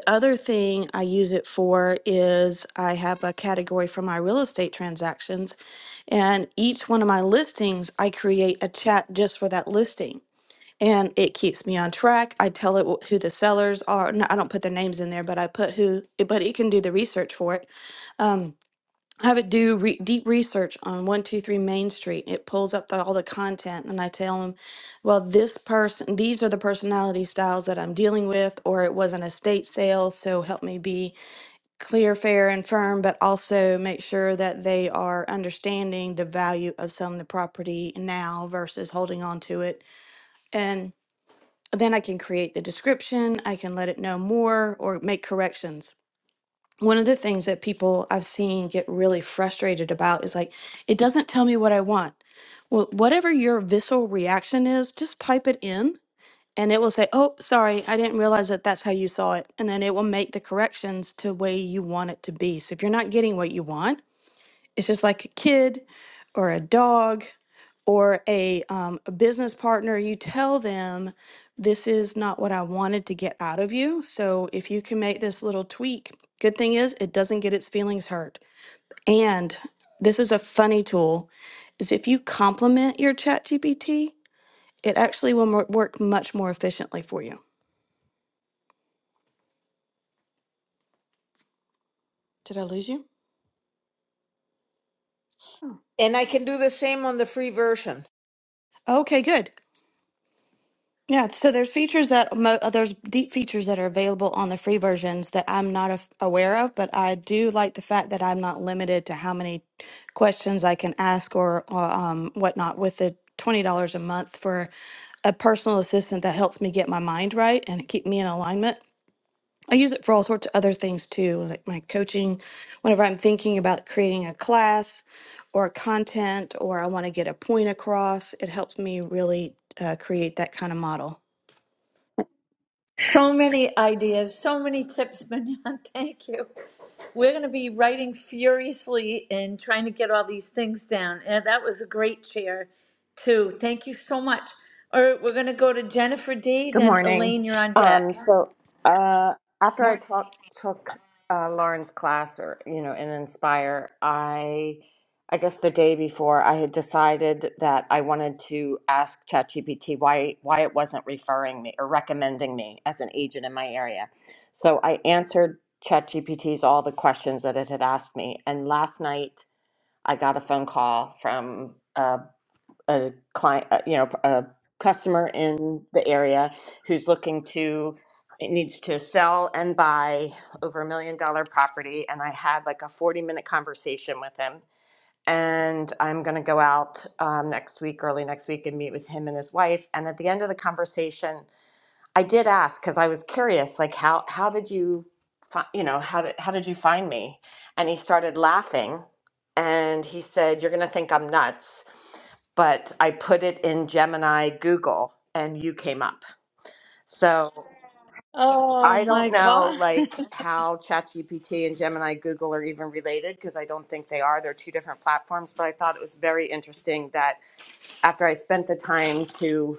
S12: other thing I use it for is I have a category for my real estate transactions, and each one of my listings, I create a chat just for that listing. And it keeps me on track. I tell it wh- who the sellers are. No, I don't put their names in there, but I put who, but it can do the research for it. Um, I would do re- deep research on 123 Main Street. It pulls up the, all the content, and I tell them, well, this person, these are the personality styles that I'm dealing with, or it was an estate sale, so help me be clear, fair, and firm, but also make sure that they are understanding the value of selling the property now versus holding on to it. And then I can create the description, I can let it know more, or make corrections one of the things that people I've seen get really frustrated about is like, it doesn't tell me what I want. Well, whatever your visceral reaction is, just type it in and it will say, oh, sorry, I didn't realize that that's how you saw it. And then it will make the corrections to way you want it to be. So if you're not getting what you want, it's just like a kid or a dog or a, um, a business partner. You tell them, this is not what I wanted to get out of you. So if you can make this little tweak, good thing is it doesn't get its feelings hurt. And this is a funny tool is if you compliment your ChatGPT, it actually will mo- work much more efficiently for you did i lose you
S6: And I can do the same on the free version.
S12: okay good Yeah, so there's features that mo uh, there's deep features that are available on the free versions that I'm not af- aware of, but I do like the fact that I'm not limited to how many questions I can ask or, or um, whatnot with the twenty dollars a month for a personal assistant that helps me get my mind right and keep me in alignment. I use it for all sorts of other things too, like my coaching. Whenever I'm thinking about creating a class or content, or I want to get a point across, it helps me really uh, create that kind of model.
S1: So many ideas, so many tips, Manon. Thank you. We're going to be writing furiously and trying to get all these things down. And that was a great chair, too. Thank you so much. All right, we're going to go to Jennifer D.
S13: Good
S1: Then
S13: morning.
S1: Elaine, you're on
S13: Um,
S1: deck.
S13: so uh, after I
S1: Morning.
S13: talk, took uh, Lauren's class, or you know, in Inspire, I, I guess the day before, I had decided that I wanted to ask ChatGPT why why it wasn't referring me or recommending me as an agent in my area. So I answered ChatGPT's all the questions that it had asked me, and last night I got a phone call from. a a client, uh, you know, a customer in the area who's looking to it needs to sell and buy over a million dollar property, and I had like a forty minute conversation with him. And I'm going to go out um, next week, early next week, and meet with him and his wife. And at the end of the conversation, I did ask because I was curious, like how how did you, fi- you know, how did how did you find me? And he started laughing, and he said, "You're gonna think I'm nuts, but I put it in Gemini Google, and you came up." So
S1: Oh
S13: I
S1: my
S13: don't know,
S1: God.
S13: like how ChatGPT and Gemini Google are even related because I don't think they are. They're two different platforms. But I thought it was very interesting that after I spent the time to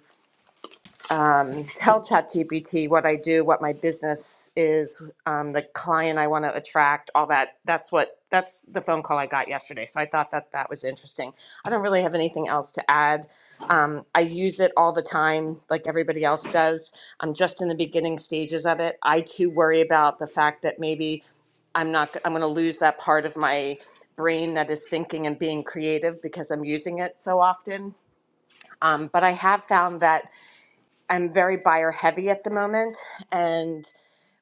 S13: um, tell ChatGPT what I do, what my business is, um, the client I want to attract, all that. That's what that's the phone call I got yesterday. So I thought that that was interesting. I don't really have anything else to add. Um, I use it all the time, like everybody else does. I'm just in the beginning stages of it. I too worry about the fact that maybe I'm not. I'm going to lose that part of my brain that is thinking and being creative because I'm using it so often. Um, but I have found that I'm very buyer heavy at the moment. And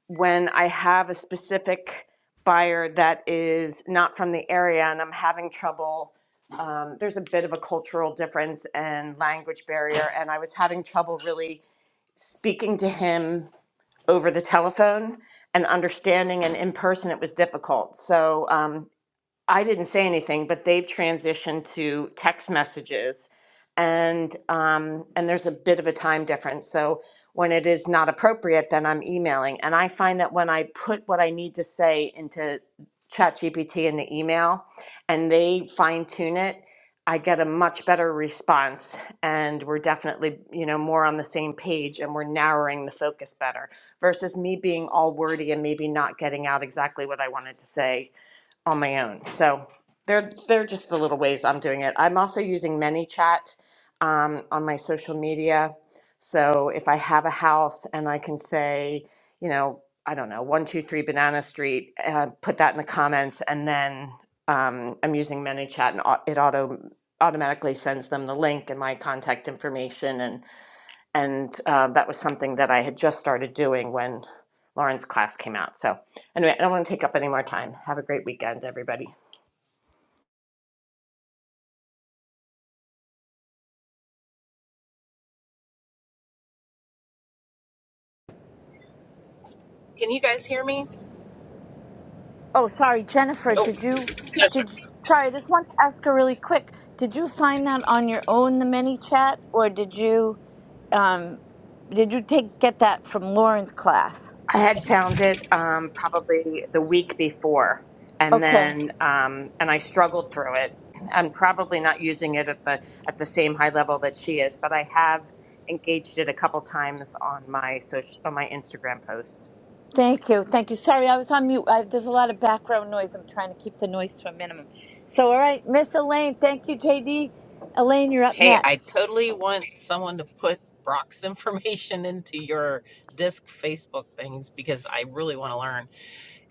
S13: when I have a specific buyer that is not from the area and I'm having trouble, um, there's a bit of a cultural difference and language barrier. And I was having trouble really speaking to him over the telephone and understanding and in person it was difficult so um, I didn't say anything, but they've transitioned to text messages, and um, and there's a bit of a time difference. So when it is not appropriate, then I'm emailing, and I find that when I put what I need to say into ChatGPT in the email, and they fine tune it, I get a much better response, and we're definitely you know more on the same page, and we're narrowing the focus better versus me being all wordy and maybe not getting out exactly what I wanted to say on my own. So they're they're just the little ways I'm doing it. I'm also using ManyChat um, on my social media. So if I have a house and I can say, you know, I don't know, one two three Banana Street, uh, put that in the comments, and then um, I'm using ManyChat and au- it auto automatically sends them the link and my contact information and and uh, that was something that I had just started doing when Lauren's class came out. So, anyway, I don't want to take up any more time. Have a great weekend, everybody.
S14: Can you guys hear me?
S1: Oh, sorry, Jennifer.
S14: Oh,
S1: Did you? Did you, sorry. I just want to ask her really quick. Did you find that on your own, the mini chat, or did you um, did you take get that from Lauren's class?
S13: I had found it um, probably the week before, and
S1: Okay.
S13: then um, and I struggled through it. I'm probably not using it at the at the same high level that she is, but I have engaged it a couple times on my social on my Instagram posts.
S1: Thank you. Thank you. Sorry, I was on mute. I, there's a lot of background noise. I'm trying to keep the noise to a minimum. So, all right, Miss Elaine. Thank you, JD. Elaine, you're up
S14: hey, I
S1: next.
S14: totally want someone to put Brock's information into your disc Facebook things because I really want to learn.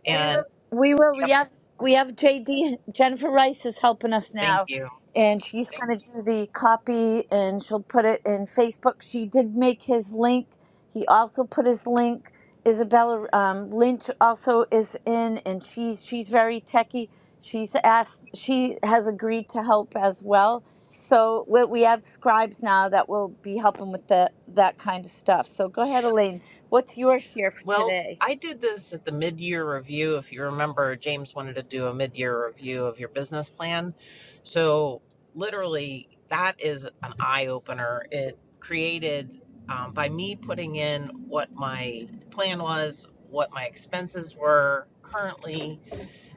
S14: And
S1: We will. We
S14: yep,
S1: have we have JD Jennifer Rice is helping us
S14: thank
S1: now,
S14: you.
S1: and she's going to do the copy and she'll put it in Facebook. She did make his link. He also put his link. Isabella um, Lynch also is in, and she's she's very techie. She's asked. She has agreed to help as well. So we, we have scribes now that will be helping with the that kind of stuff. So go ahead, Elaine. What's your share for
S14: Well,
S1: today?
S14: I did this at the mid year review. If you remember, James wanted to do a mid year review of your business plan. So, literally, that is an eye opener. It created um, by me putting in what my plan was, what my expenses were currently,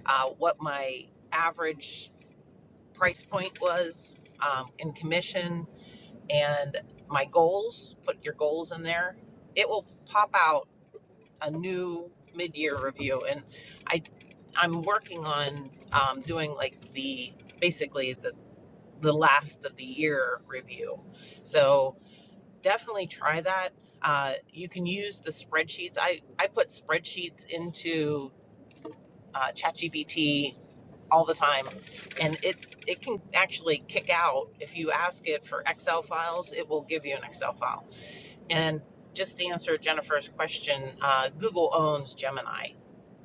S14: uh, what my average price point was um, in commission and my goals. Put your goals in there. It will pop out a new mid-year review, and I I'm working on um, doing like the basically the the last of the year review. So definitely try that. Uh, you can use the spreadsheets. I I put spreadsheets into uh, ChatGPT all the time and it's it can actually kick out if you ask it for excel files it will give you an excel file and just to answer jennifer's question uh, google owns gemini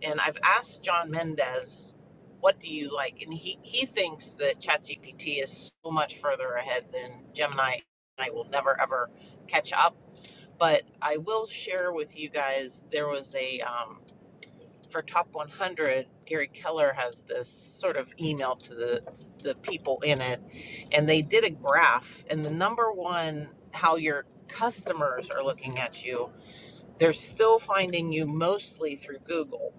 S14: and i've asked john mendez what do you like and he, he thinks that chatgpt is so much further ahead than gemini i will never ever catch up but i will share with you guys there was a um, for top 100 gary keller has this sort of email to the the people in it and they did a graph and the number one how your customers are looking at you they're still finding you mostly through google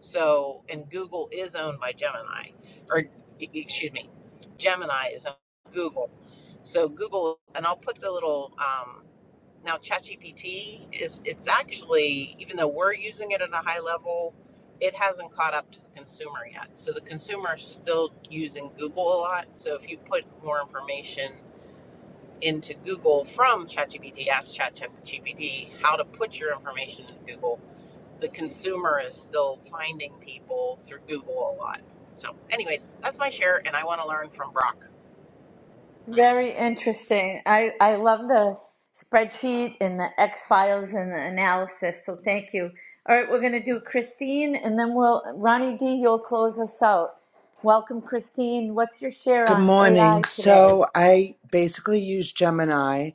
S14: so and google is owned by gemini or e- e, excuse me gemini is owned by google so google and i'll put the little um, now, ChatGPT is it's actually even though we're using it at a high level, it hasn't caught up to the consumer yet. So the consumer is still using Google a lot. So if you put more information into Google from ChatGPT, ask ChatGPT how to put your information in Google. The consumer is still finding people through Google a lot. So, anyways, that's my share, and I want to learn from Brock.
S1: Very interesting. I, I love the spreadsheet and the X files and the analysis. So thank you. All right, we're going to do Christine and then we'll, Ronnie D, you'll close us out. Welcome, Christine. What's your share
S15: Good
S1: on
S15: morning.
S1: AI today?
S15: So I basically use Gemini.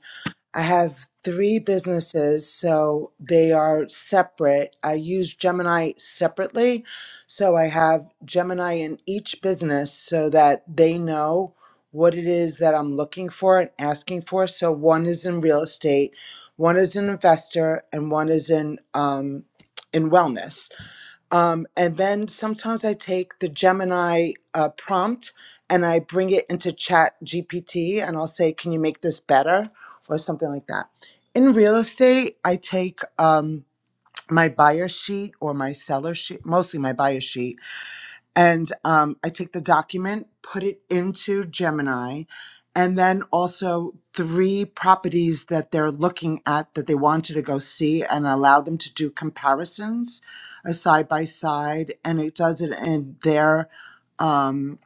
S15: I have three businesses, so they are separate. I use Gemini separately. So I have Gemini in each business so that they know what it is that I'm looking for and asking for. So one is in real estate, one is an investor, and one is in um, in wellness. Um, and then sometimes I take the Gemini uh, prompt and I bring it into Chat GPT and I'll say, "Can you make this better?" or something like that. In real estate, I take um, my buyer sheet or my seller sheet, mostly my buyer sheet, and um, I take the document, put it into Gemini, and then also three properties that they're looking at that they wanted to go see and allow them to do comparisons, a side by side, and it does it in their um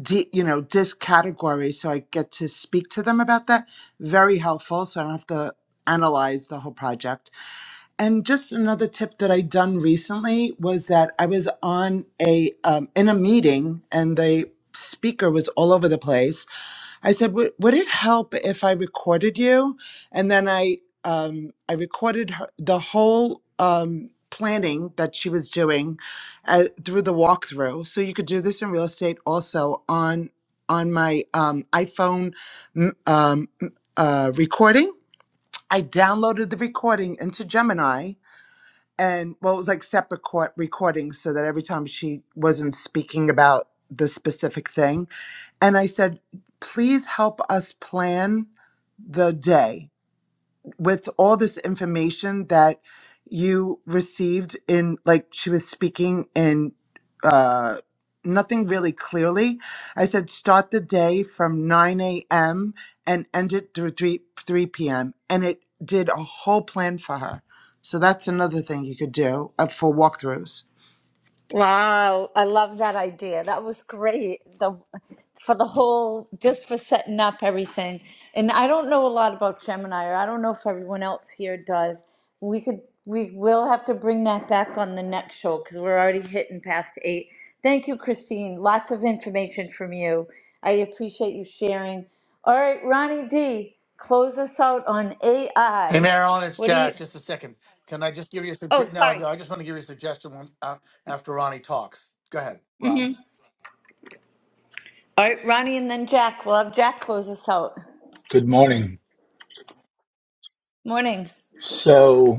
S15: di- you know disc category so i get to speak to them about that very helpful so i don't have to analyze the whole project and just another tip that I done recently was that I was on a um, in a meeting and the speaker was all over the place. I said, "Would would it help if I recorded you?" And then I um, I recorded her, the whole um, planning that she was doing uh, through the walkthrough. So you could do this in real estate also on on my um, iPhone m- um, m- uh, recording. I downloaded the recording into Gemini and well, it was like separate court recordings so that every time she wasn't speaking about the specific thing. And I said, please help us plan the day with all this information that you received in like she was speaking in uh nothing really clearly i said start the day from 9 a.m and end it through 3 3 p.m and it did a whole plan for her so that's another thing you could do uh, for walkthroughs
S1: Wow, I love that idea. That was great. The for the whole just for setting up everything. And I don't know a lot about Gemini or I don't know if everyone else here does. We could we will have to bring that back on the next show because we're already hitting past eight. Thank you, Christine. Lots of information from you. I appreciate you sharing. All right, Ronnie D, close us out on
S5: Hey,
S1: AI.
S5: Marilyn, it's
S1: What do you
S5: Jack. Just a second. Can I just give you a
S1: Oh,
S5: suggestion? No,
S1: sorry.
S5: no, I just want to give you a suggestion when, uh, after Ronnie talks. Go ahead, Ronnie.
S1: All right, Ronnie and then Jack. We'll have Jack close us out.
S16: Good morning.
S1: Morning.
S16: So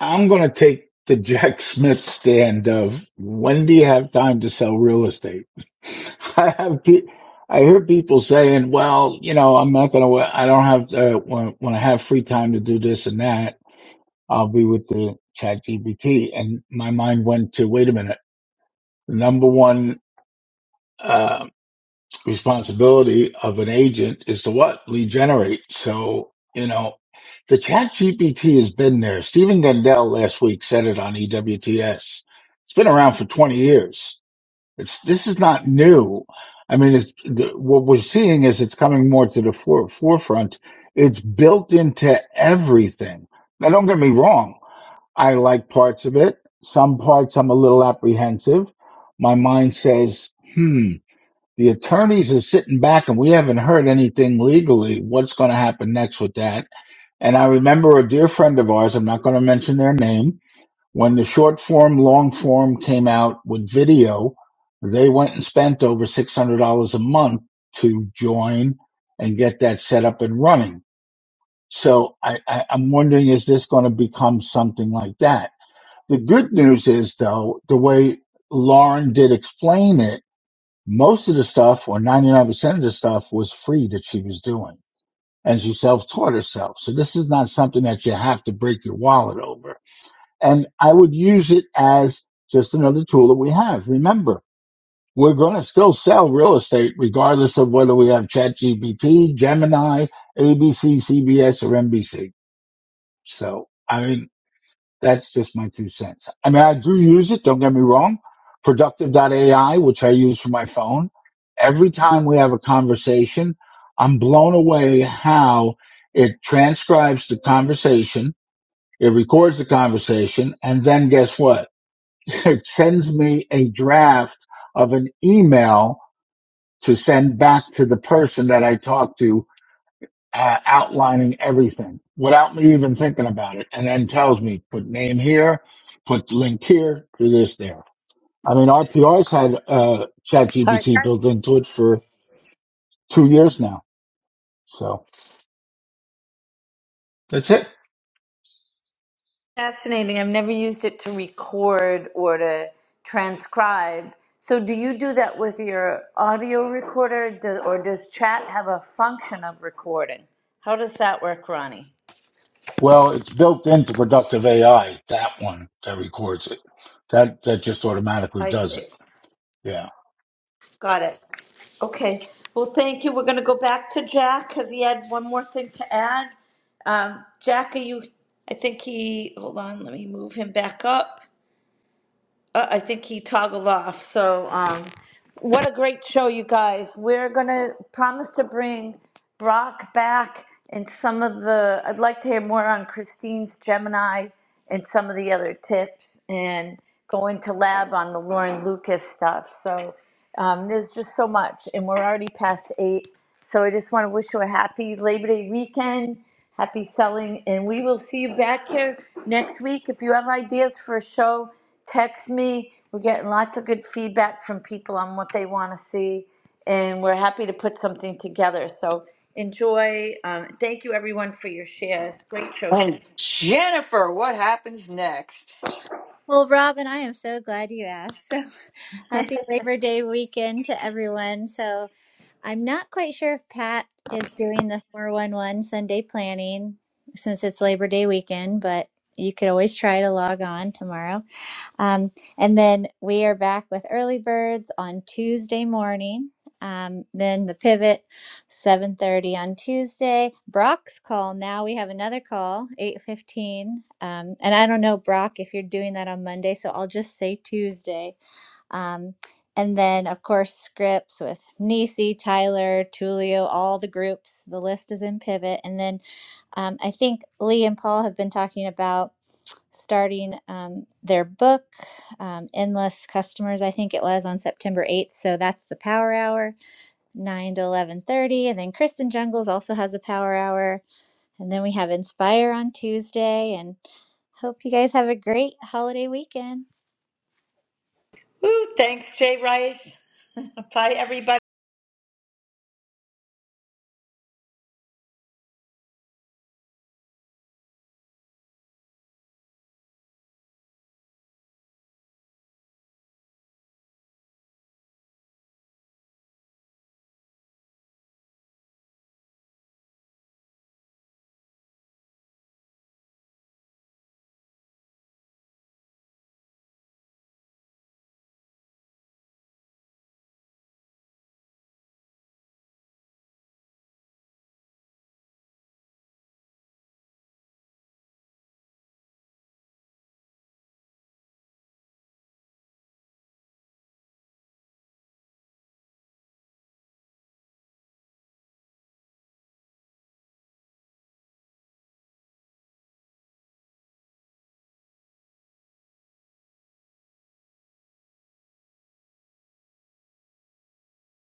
S16: I'm going to take the Jack Smith stand of when do you have time to sell real estate? I have, pe- I hear people saying, well, you know, I'm not going to, I don't have to, when, when I have free time to do this and that, I'll be with the chat GPT. And my mind went to, wait a minute, number one, uh, responsibility of an agent is to what? Lead generate. So, you know, the chat GPT has been there. Stephen Gundell last week said it on EWTS. It's been around for 20 years. It's, this is not new. I mean, it's, the, what we're seeing is it's coming more to the fore, forefront. It's built into everything. Now, don't get me wrong. I like parts of it. Some parts I'm a little apprehensive. My mind says, hmm, the attorneys are sitting back and we haven't heard anything legally. What's going to happen next with that? And I remember a dear friend of ours, I'm not going to mention their name, when the short form, long form came out with video, they went and spent over $600 a month to join and get that set up and running. So I, I, I'm wondering, is this going to become something like that? The good news is though, the way Lauren did explain it, most of the stuff or 99% of the stuff was free that she was doing and she self-taught herself. So this is not something that you have to break your wallet over. And I would use it as just another tool that we have. Remember, we're going to still sell real estate regardless of whether we have ChatGPT, Gemini, ABC, CBS or NBC. So, I mean, that's just my two cents. I mean, I do use it. Don't get me wrong. Productive AI, which I use for my phone. Every time we have a conversation, I'm blown away how it transcribes the conversation. It records the conversation. And then guess what? It sends me a draft of an email to send back to the person that I talked to uh, outlining everything without me even thinking about it, and then tells me put name here, put link here, do this there. I mean, RPR's had uh,
S1: All right,
S16: ChatGPT
S1: that's
S16: built into it for two years now, so that's it.
S1: fascinating. I've never used it to record or to transcribe. So, do you do that with your audio recorder, do, or does chat have a function of recording? How does that work, Ronnie?
S16: Well, it's built into Productive AI, that one that records it, that that just automatically
S1: I
S16: does
S1: see.
S16: it. Yeah.
S1: Got it. Okay. Well, thank you. We're going to go back to Jack because he had one more thing to add. Um, Jack, are you? I think he. Hold on. Let me move him back up. Uh, I think he toggled off. So, um, what a great show, you guys. We're going to promise to bring Brock back and some of the, I'd like to hear more on Christine's Gemini and some of the other tips and going to lab on the Lauren Lucas stuff. So, um, there's just so much, and we're already past eight. So, I just want to wish you a happy Labor Day weekend. Happy selling, and we will see you back here next week. If you have ideas for a show, text me. We're getting lots of good feedback from people on what they want to see, and we're happy to put something together. So enjoy. Um, thank you, everyone, for your shares. Great show
S4: And
S1: today.
S4: Jennifer, what happens next?
S2: well robin i am so glad you asked so happy labor day weekend to everyone so I'm not quite sure if Pat is doing the 411 Sunday planning since it's Labor Day weekend, but you could always try to log on tomorrow. Um, and then we are back with early birds on Tuesday morning. Um, then the pivot 7:30 on Tuesday. Brock's call. Now we have another call 8:15. Um, and I don't know Brock if you're doing that on Monday, so I'll just say Tuesday um, and then, of course, scripts with Nisi, Tyler, Tulio, all the groups. The list is in Pivot. And then um, I think Lee and Paul have been talking about starting um, their book, um, Endless Customers, I think it was, on September 8th. So that's the Power Hour, 9 to 11.30. And then Kristen Jungles also has a Power Hour. And then we have Inspire on Tuesday. And hope you guys have a great holiday weekend.
S1: Woo, thanks, Jay Rice. Bye, everybody.